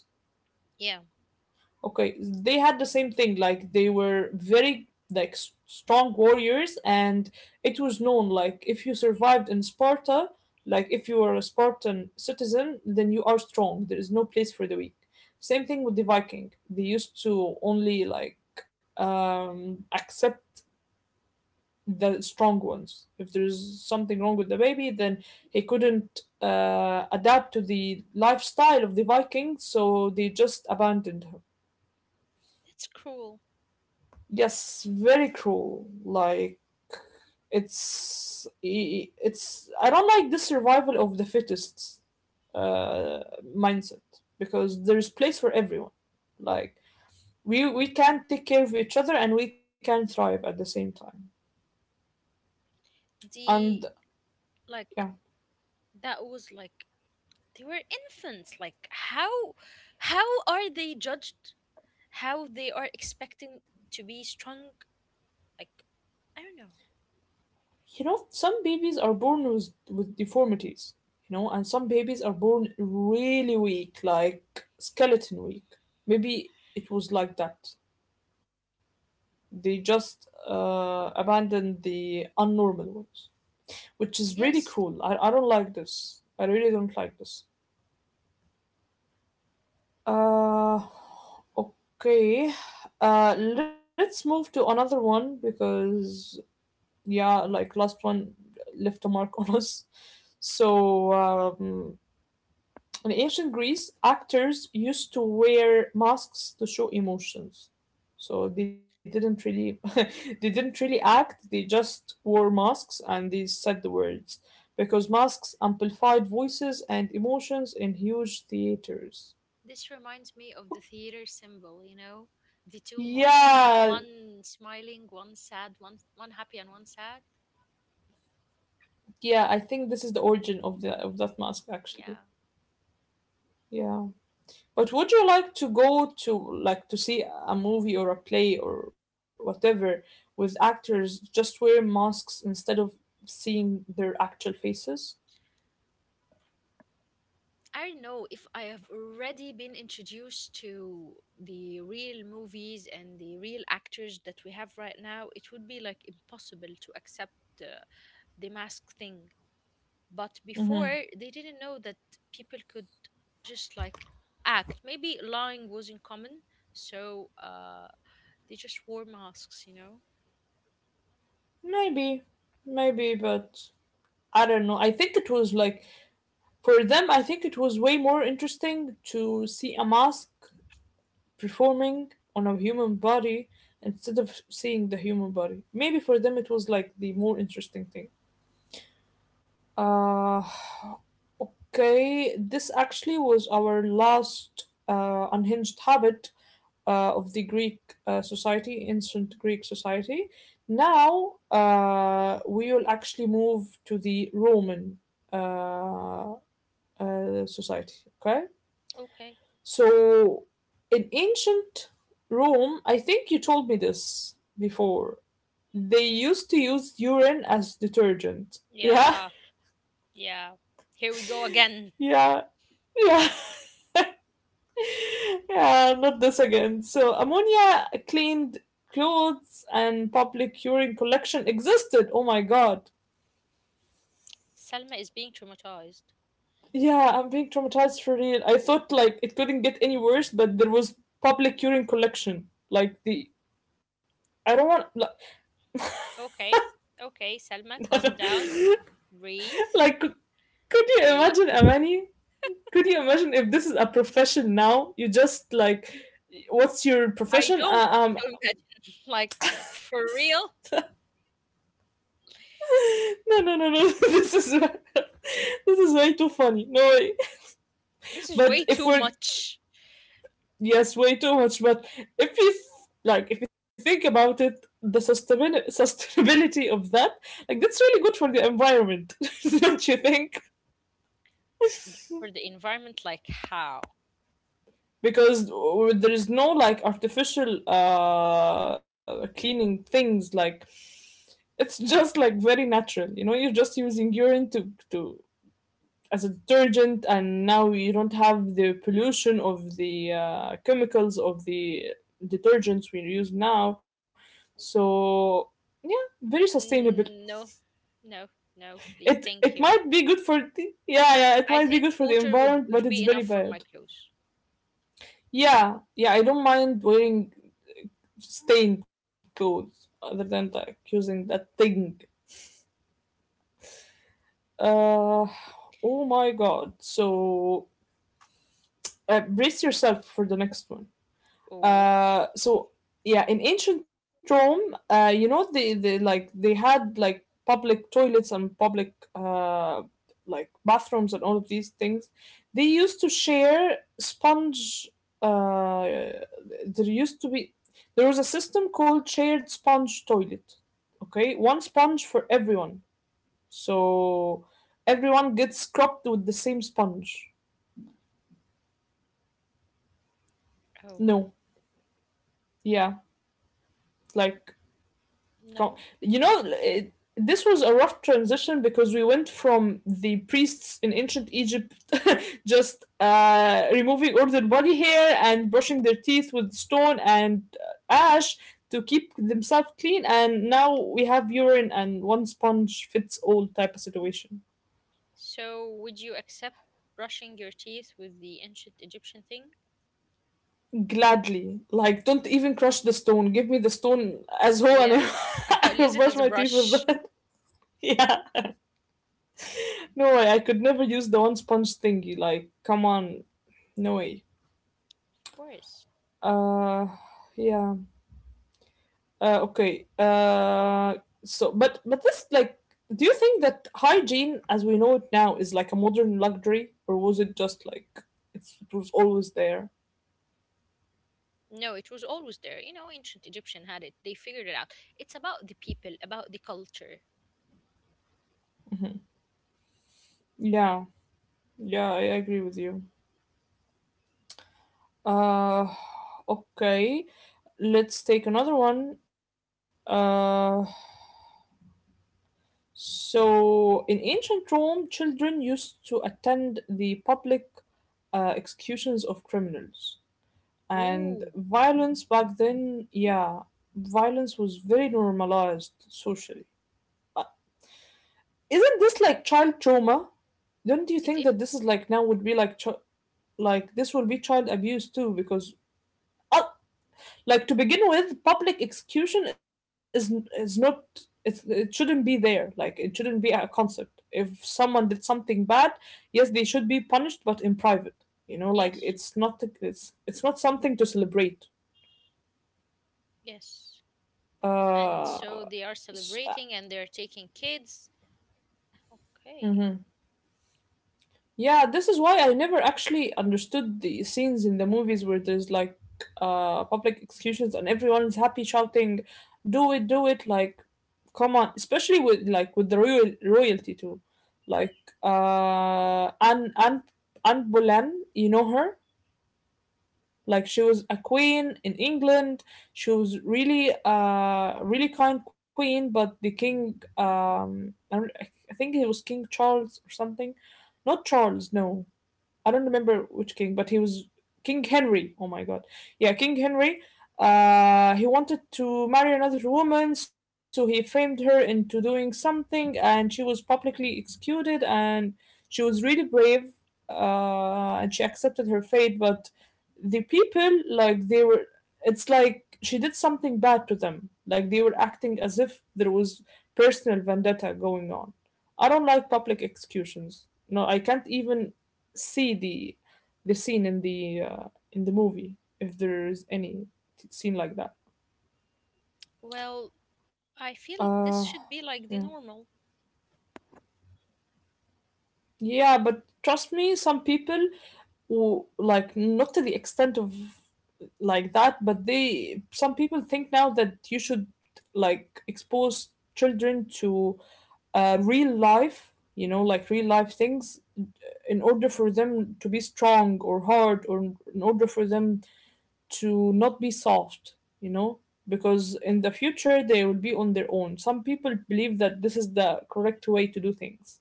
Speaker 2: Yeah,
Speaker 1: Okay, they had the same thing. Like they were very like strong warriors, and it was known like if you survived in Sparta, like if you were a Spartan citizen, then you are strong. There is no place for the weak. Same thing with the Viking. They used to only like accept the strong ones. If there's something wrong with the baby, then he couldn't adapt to the lifestyle of the Vikings, so they just abandoned him.
Speaker 2: that's cruel.
Speaker 1: Yes, very cruel. Like it's I don't like the survival of the fittest uh, mindset, because there is place for everyone. Like we can take care of each other and we can thrive at the same time. And
Speaker 2: The Like
Speaker 1: yeah,
Speaker 2: that was like they were infants. Like how are they judged, how they are expecting to be strong, like I don't know.
Speaker 1: you know, some babies are born with deformities, you know, and some babies are born really weak, like skeleton weak. Maybe it was like that. They just abandon the unnormal ones, which is really
Speaker 2: Yes,
Speaker 1: cruel. I don't like this. I really don't like this. Uh, okay. Let's move to another one because, yeah, like last one left a mark on us. So, in ancient Greece, actors used to wear masks to show emotions. So they didn't really they didn't really act, they just wore masks and they said the words, because masks amplified voices and emotions in huge theaters.
Speaker 2: this reminds me of the theater symbol, the two masks,
Speaker 1: Yeah,
Speaker 2: one smiling, one sad, one happy and one sad.
Speaker 1: yeah, I think this is the origin of the of that mask actually.
Speaker 2: Yeah,
Speaker 1: Yeah. But would you like to go to like to see a movie or a play or whatever with actors just wear masks instead of seeing their actual faces?
Speaker 2: I don't know. If I have already been introduced to the real movies and the real actors that we have right now, it would be like impossible to accept uh, the mask thing. But before, they didn't know that people could just like act. Maybe lying wasn't common, so they just wore masks.
Speaker 1: Maybe, maybe, but I don't know. I think it was like for them, I think it was way more interesting to see a mask performing on a human body instead of seeing the human body. Maybe for them it was like the more interesting thing. Uh Okay, this actually was our last unhinged habit of the Greek society, ancient Greek society. Now we will actually move to the Roman uh, society. Okay,
Speaker 2: Okay.
Speaker 1: so in ancient Rome, I think you told me this before. They used to use urine as detergent. Yeah,
Speaker 2: Yeah. Yeah. Here we go again.
Speaker 1: yeah, yeah. Yeah, not this again. So, ammonia cleaned clothes and public urine collection existed. Oh my god.
Speaker 2: Selma is being traumatized.
Speaker 1: Yeah, I'm being traumatized for real. I thought like it couldn't get any worse, but there was public urine collection. Like the I don't want like
Speaker 2: Okay. Okay, Selma, calm down. Breathe.
Speaker 1: like could you
Speaker 2: Breathe.
Speaker 1: imagine Amani? Could you imagine if this is a profession now? You just like what's your
Speaker 2: I
Speaker 1: profession?
Speaker 2: don't want to imagine. Like, for real?
Speaker 1: No no no no. This is this is way too funny. No way.
Speaker 2: This is way
Speaker 1: But if
Speaker 2: too
Speaker 1: we're
Speaker 2: much.
Speaker 1: yes, way too much. But if you th- like, if you think about it, sustainability of that, like, that's really good for the environment, don't you think?
Speaker 2: For the environment, like, how?
Speaker 1: Because there is no like artificial cleaning things. Like, it's just like very natural. You know, you're just using urine to as a detergent, and now you don't have the pollution of the chemicals of the detergents we use now. So yeah, very sustainable.
Speaker 2: Mm, no, no, no,
Speaker 1: it
Speaker 2: please.
Speaker 1: it
Speaker 2: Thank you.
Speaker 1: might be good for the, yeah yeah it
Speaker 2: I
Speaker 1: might be
Speaker 2: think
Speaker 1: good for the
Speaker 2: water would,
Speaker 1: environment but
Speaker 2: would
Speaker 1: it's
Speaker 2: be
Speaker 1: very
Speaker 2: enough for my
Speaker 1: bad.
Speaker 2: clothes.
Speaker 1: Yeah yeah, I don't mind wearing stained clothes other than like using that thing. uh oh my god. So brace yourself for the next one.
Speaker 2: Oh,
Speaker 1: So yeah, in ancient Rome, you know, they like they had like public toilets and public like bathrooms and all of these things. They used to share sponge. Uh, there used to be there was a system called shared sponge toilet. Okay, one sponge for everyone, so everyone gets scrubbed with the same sponge.
Speaker 2: oh,
Speaker 1: No, yeah, like Come,
Speaker 2: no.
Speaker 1: you know, it, this was a rough transition because we went from the priests in ancient Egypt just removing all their body hair and brushing their teeth with stone and ash to keep themselves clean, and now we have urine and one sponge fits all type of situation.
Speaker 2: So, would you accept brushing your teeth with the ancient Egyptian thing?
Speaker 1: Gladly, like don't even crush the stone. Give me the stone as whole, and
Speaker 2: Yes, I'll
Speaker 1: I'll
Speaker 2: use it
Speaker 1: brush
Speaker 2: as a
Speaker 1: my teeth with
Speaker 2: brush.
Speaker 1: that. Yeah, no way. I could never use the one sponge thingy. Like, come on. No way.
Speaker 2: Of course.
Speaker 1: Uh, yeah. Uh, okay. Uh, so, but this like, do you think that hygiene as we know it now is like a modern luxury, or was it just like it was always there?
Speaker 2: No, it was always there. You know, ancient Egyptian had it. They figured it out. It's about the people, about the culture.
Speaker 1: Yeah. Yeah, I agree with you. Uh, okay. Let's take another one. So in ancient Rome, children used to attend the public executions of criminals. And
Speaker 2: Ooh.
Speaker 1: violence back then, yeah, violence was very normalized socially. Uh, Isn't this like child trauma? Don't you
Speaker 2: It
Speaker 1: think
Speaker 2: is.
Speaker 1: that this is like now would be like like this will be child abuse too? Because uh, like to begin with, public execution is not it's, it shouldn't be there. Like it shouldn't be a concept. If someone did something bad, yes, they should be punished, but in private. You know, like
Speaker 2: Yes,
Speaker 1: it's not something to celebrate.
Speaker 2: yes. And so
Speaker 1: Uh,
Speaker 2: they are
Speaker 1: s- uh,
Speaker 2: celebrating and they're taking kids. Okay.
Speaker 1: mhm. Yeah, this is why I never actually understood the scenes in the movies where there's like public executions and everyone's happy shouting, "Do it, do it!" Like, come on, especially with like with the royalty too, like uh Anne Anne Anne Boleyn, you know her? Like she was a queen in England. She was really really kind queen, but the king I, don't- I think it was King Charles or something. Not Charles, no. I don't remember which king, but he was King Henry. Oh my god. Yeah, King Henry. He wanted to marry another woman, so he framed her into doing something, and she was publicly executed. And she was really brave, and she accepted her fate. But the people, it's like she did something bad to them. Like they were acting as if there was personal vendetta going on. I don't like public executions. No, I can't even see the scene in the movie if there's any scene like that.
Speaker 2: Well, I
Speaker 1: Uh,
Speaker 2: feel this should be
Speaker 1: yeah,
Speaker 2: like the normal.
Speaker 1: yeah, but trust me, some people who like not to the extent of like that, but they some people think now that you should like expose children to real life, you know, like real life things, in order for them to be strong or hard, or in order for them to not be soft, you know, because in the future they will be on their own. Some people believe that this is the correct way to do things.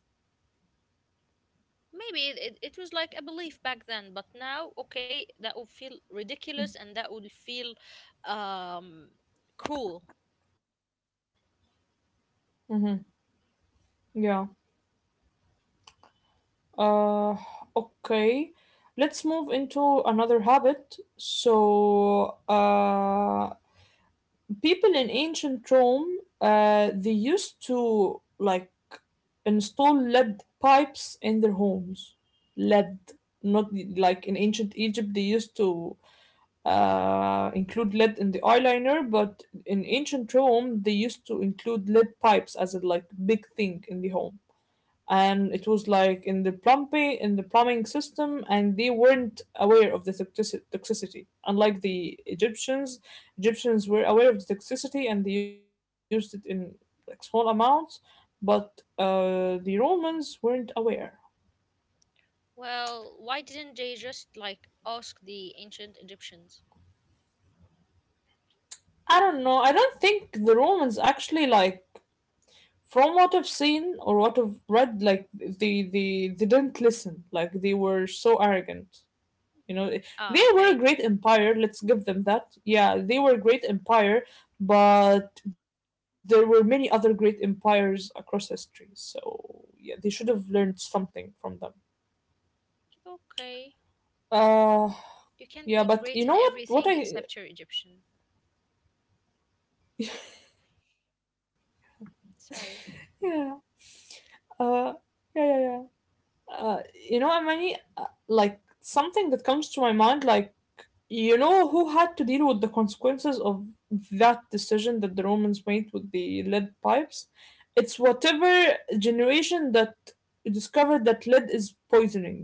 Speaker 2: Maybe it was like a belief back then, but now, okay, that would feel ridiculous and that would feel um, cruel.
Speaker 1: Yeah. Uh, okay. Let's move into another habit. So people in ancient Rome, they used to like install lead pipes in their homes. Lead, not like in ancient Egypt, they used to include lead in the eyeliner, but in ancient Rome, they used to include lead pipes as a like big thing in the home. And it was like in the plumbing system, and they weren't aware of the toxicity. Unlike the Egyptians, Egyptians were aware of the toxicity and they used it in like small amounts, but the Romans weren't aware.
Speaker 2: Well, why didn't they just like ask the ancient Egyptians?
Speaker 1: I don't know. I don't think the Romans actually like from what I've seen or what I've read, like they didn't listen. Like they were so arrogant. You know, they
Speaker 2: Ah,
Speaker 1: were a
Speaker 2: okay.
Speaker 1: great empire. Let's give them that. Yeah, they were a great empire, but there were many other great empires across history. So yeah, they should have learned something from them.
Speaker 2: Okay.
Speaker 1: Uh,
Speaker 2: You can't be
Speaker 1: yeah, but
Speaker 2: great
Speaker 1: you
Speaker 2: in
Speaker 1: know what? What
Speaker 2: everything
Speaker 1: I
Speaker 2: except you're Egyptian. Sorry.
Speaker 1: yeah uh yeah yeah yeah uh you know Amani, like something that comes to my mind like you know who had to deal with the consequences of that decision that the Romans made with the lead pipes? It's whatever generation that discovered that lead is poisoning.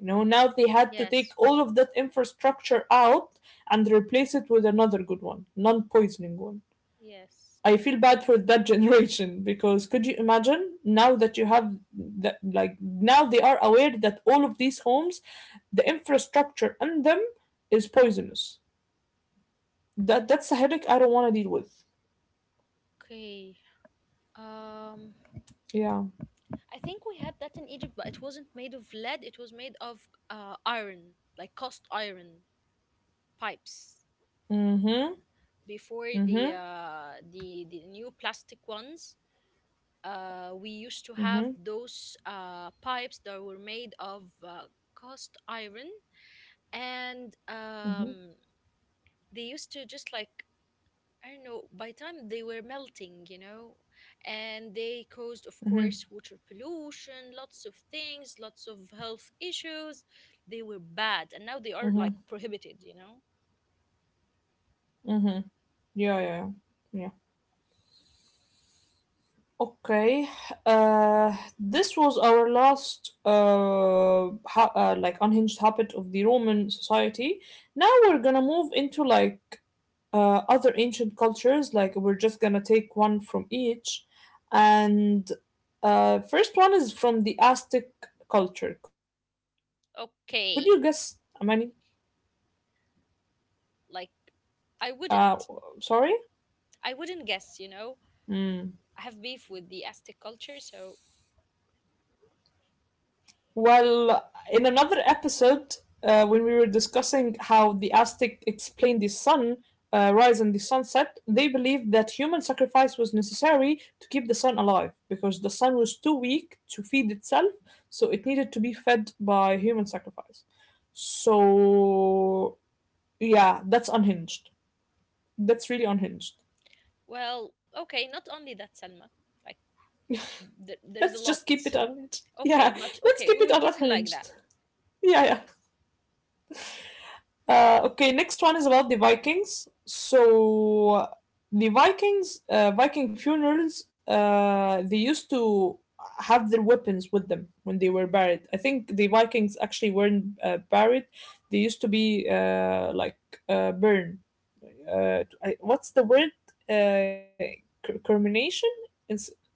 Speaker 1: You know, now they had to take
Speaker 2: Yes.
Speaker 1: all of that infrastructure out and replace it with another good one, non poisoning one.
Speaker 2: Yes.
Speaker 1: I feel bad for that generation because could you imagine now that you have that, like, now they are aware that all of these homes, the infrastructure in them is poisonous. That's a headache I don't wanna deal with.
Speaker 2: Okay. Um.
Speaker 1: Yeah.
Speaker 2: I think we had that in Egypt, but it wasn't made of lead. It was made of iron, like cast iron pipes.
Speaker 1: Mhm.
Speaker 2: Before the
Speaker 1: Mhm.
Speaker 2: uh, the the new plastic ones, we used to have
Speaker 1: Mhm.
Speaker 2: those pipes that were made of cast iron, and
Speaker 1: Mhm.
Speaker 2: they used to just like I don't know, by time they were melting, and they caused, of
Speaker 1: Mhm.
Speaker 2: course, water pollution, lots of things, lots of health issues. They were bad, and now they are like
Speaker 1: Mhm.
Speaker 2: prohibited.
Speaker 1: Mhm. Yeah, yeah, yeah. Yeah. Okay. This was our last like unhinged habit of the Roman society. Now we're gonna move into like other ancient cultures. Like we're just gonna take one from each, and first one is from the Aztec culture. Could you guess, Amani?
Speaker 2: Okay, like
Speaker 1: Uh,
Speaker 2: I
Speaker 1: Sorry?
Speaker 2: wouldn't, I wouldn't guess, you
Speaker 1: Mm.
Speaker 2: know. I have beef with the Aztec culture, so
Speaker 1: Well, in another episode, when we were discussing how the Aztec explained the sun rise and the sunset, they believed that human sacrifice was necessary to keep the sun alive because the sun was too weak to feed itself, so it needed to be fed by human sacrifice. So, yeah, that's unhinged. That's really unhinged.
Speaker 2: well, okay, not only that, Selma. Like there
Speaker 1: Let's
Speaker 2: is a
Speaker 1: just
Speaker 2: lot.
Speaker 1: keep it unhinged. Yeah,
Speaker 2: Okay, but
Speaker 1: let's
Speaker 2: okay,
Speaker 1: keep
Speaker 2: we
Speaker 1: it
Speaker 2: will keep it like that.
Speaker 1: unhinged. Yeah, yeah. Okay, next one is about the Vikings. So the Vikings, Viking funerals, they used to have their weapons with them when they were buried. I think the Vikings actually weren't buried; they used to be burned. What's the word? Uh, Cremation? It's, it's,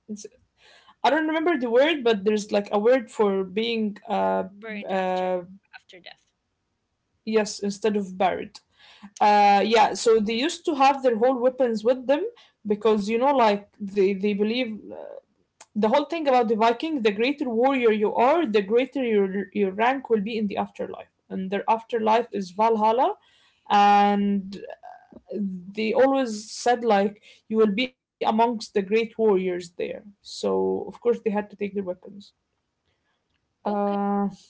Speaker 1: I don't remember the word, but there's like a word for being
Speaker 2: Burned after
Speaker 1: uh,
Speaker 2: after death.
Speaker 1: yes instead of buried. Yeah, so they used to have their whole weapons with them because you know, like they believe the whole thing about the Viking. The greater warrior you are, the greater your rank will be in the afterlife, and their afterlife is Valhalla. And they always said like you will be amongst the great warriors there. So of course they had to take their weapons.
Speaker 2: Okay,
Speaker 1: Uh,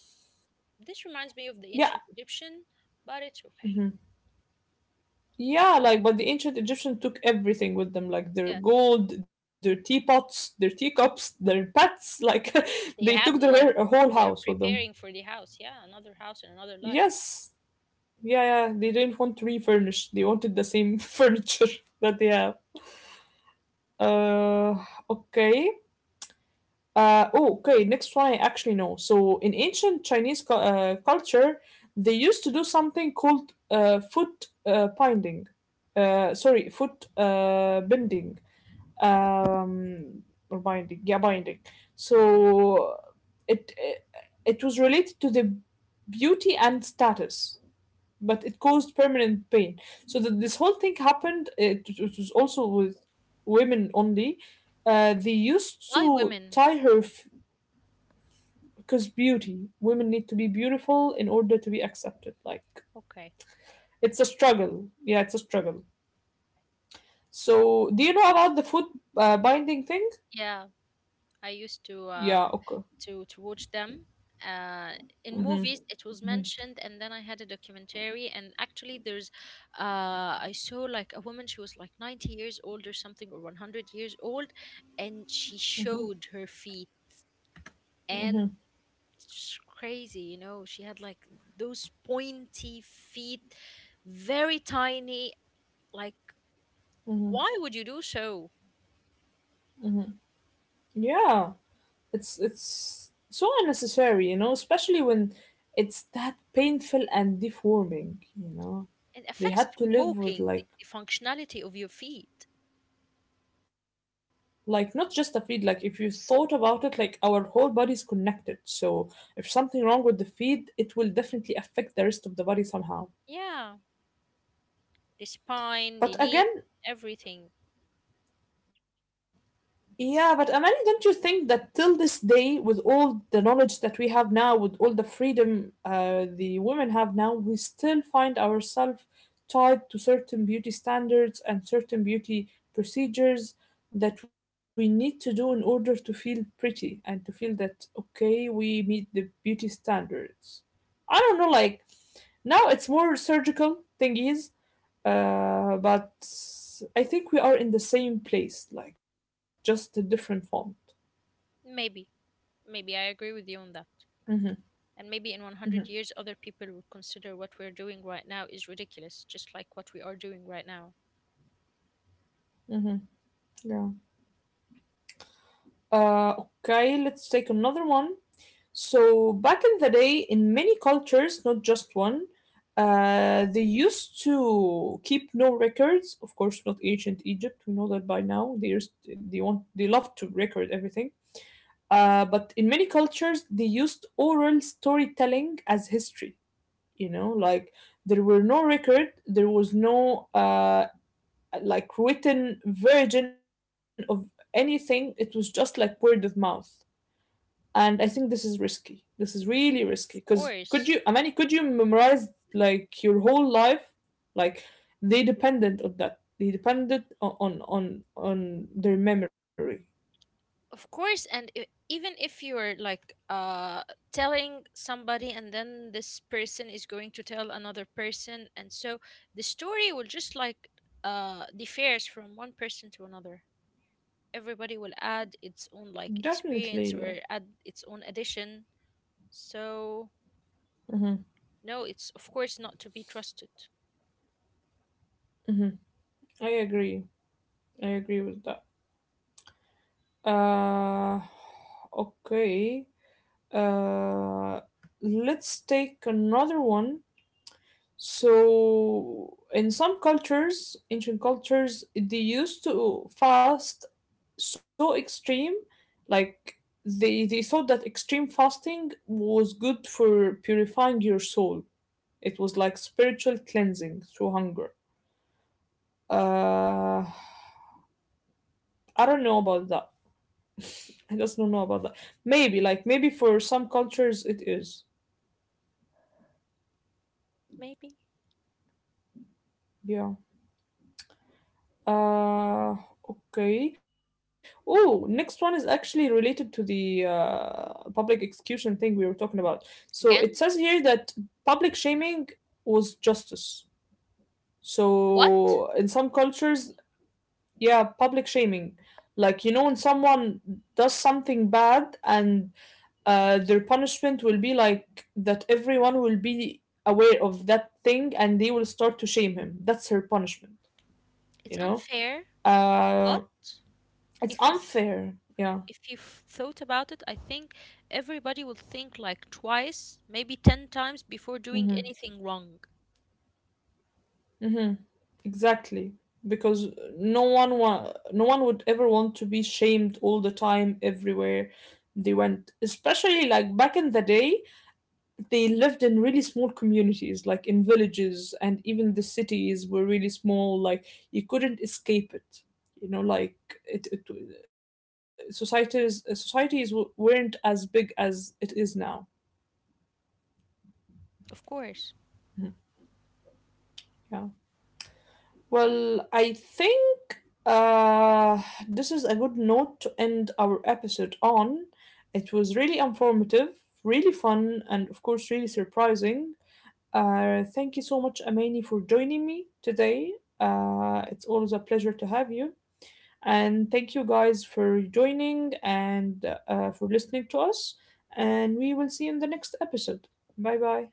Speaker 2: this reminds me of the
Speaker 1: yeah,
Speaker 2: ancient Egyptian, but it's okay.
Speaker 1: mm-hmm. Yeah, like, but the ancient Egyptians took everything with them, like their
Speaker 2: Yes,
Speaker 1: gold, their teapots, their teacups, their pets. Like,
Speaker 2: yeah,
Speaker 1: they took
Speaker 2: they
Speaker 1: their
Speaker 2: have like
Speaker 1: whole house with
Speaker 2: they're
Speaker 1: them.
Speaker 2: preparing for the house. Yeah, another house and another life.
Speaker 1: Yes, yeah, yeah. They didn't want to refurnish. They wanted the same furniture that they have. Uh, okay. Oh, okay. Next one I actually know. So, in ancient Chinese culture, they used to do something called foot binding. Sorry, foot bending um or binding yeah binding. So it was related to the beauty and status, but it caused permanent pain. So that this whole thing happened it was also with women only. They used
Speaker 2: Live
Speaker 1: to
Speaker 2: women.
Speaker 1: tie her because beauty women need to be beautiful in order to be accepted. Like
Speaker 2: Okay.
Speaker 1: it's a struggle, yeah, it's a struggle. So do you know about the food binding thing?
Speaker 2: Yeah, I used to
Speaker 1: Yeah, okay.
Speaker 2: watch them. Uh, in movies, it was
Speaker 1: Hmm.
Speaker 2: mentioned, and then I had a documentary, and actually, there's I saw like a woman. She was like 90 years old or something, or 100 years old, and she showed her feet, and
Speaker 1: Mhm,
Speaker 2: it's crazy. She had like those pointy feet, very tiny. Like,
Speaker 1: mhm.
Speaker 2: why would you do so?
Speaker 1: Yeah, it's so unnecessary, you know, especially when it's that painful and deforming, you know.
Speaker 2: It
Speaker 1: They
Speaker 2: affects
Speaker 1: had to
Speaker 2: the
Speaker 1: live with
Speaker 2: walking, the,
Speaker 1: like
Speaker 2: the functionality of your feet.
Speaker 1: not just a feet, like if you thought about it, like our whole body is connected. So if something wrong with the feet, it will definitely affect the rest of the body somehow.
Speaker 2: Yeah. The spine, the
Speaker 1: But
Speaker 2: knee,
Speaker 1: again,
Speaker 2: everything.
Speaker 1: yeah, but Amani, don't you think that till this day, with all the knowledge that we have now, with all the freedom the women have now, we still find ourselves tied to certain beauty standards and certain beauty procedures that we need to do in order to feel pretty and to feel that, okay, we meet the beauty standards? I don't know, like now it's more surgical thingies, but I think we are in the same place, like just a different font.
Speaker 2: Maybe, maybe I agree with you on that.
Speaker 1: Hmm.
Speaker 2: And maybe in
Speaker 1: Hmm.
Speaker 2: 100 years, other people will consider what we're doing right now is ridiculous, just like what we are doing right now.
Speaker 1: Hmm. Yeah. Okay, let's take another one. So back in the day, in many cultures, not just one, they used to keep no records. Of course, not ancient Egypt. We know that by now. They want they love to record everything. But in many cultures, they used oral storytelling as history. You know, like there were no record, there was no like written version of anything. It was just like word of mouth, and I think this is risky. This is really risky because
Speaker 2: Of
Speaker 1: could you, I
Speaker 2: course.
Speaker 1: mean, could you memorize like your whole life? Like they depended on that. They depended on their memory.
Speaker 2: Of course, and I even if you're like telling somebody, and then this person is going to tell another person, and so the story will just like differs from one person to another. Everybody will add its own like
Speaker 1: Definitely.
Speaker 2: experience or add its own addition. So
Speaker 1: Mm-hmm.
Speaker 2: no, it's of course not to be trusted.
Speaker 1: I agree. I agree with that. Uh, okay. Uh, let's take another one. So, in some cultures, ancient cultures, they used to fast so extreme, like they thought that extreme fasting was good for purifying your soul. It was like spiritual cleansing through hunger. Uh, I don't know about that. I just don't know about that. Maybe, like, maybe for some cultures it is.
Speaker 2: Maybe.
Speaker 1: Yeah. Uh, okay. Oh, next one is actually related to the public execution thing we were talking about. So
Speaker 2: Again,
Speaker 1: it says here that public shaming was justice.
Speaker 2: what?
Speaker 1: So in some cultures, yeah, public shaming. Like, you know, when someone does something bad and their punishment will be like that everyone will be aware of that thing and they will start to shame him. That's her punishment,
Speaker 2: It's
Speaker 1: you know?
Speaker 2: unfair,
Speaker 1: Uh,
Speaker 2: but
Speaker 1: it's
Speaker 2: if you th-
Speaker 1: unfair. Yeah.
Speaker 2: if you've thought about it, I think everybody will think like twice, maybe 10 times before doing
Speaker 1: Hmm.
Speaker 2: anything wrong.
Speaker 1: Hmm. Exactly. Because no one would ever want to be shamed all the time everywhere they went. Especially like back in the day, they lived in really small communities, like in villages, and even the cities were really small. Like you couldn't escape it. You know, like it societies weren't as big as it is now.
Speaker 2: Of course.
Speaker 1: Yeah. Well, I think uh, this is a good note to end our episode on. It was really informative, really fun, and of course, really surprising. Thank you so much, Amani, for joining me today. It's always a pleasure to have you. And thank you guys for joining and for listening to us. And we will see you in the next episode. Bye bye.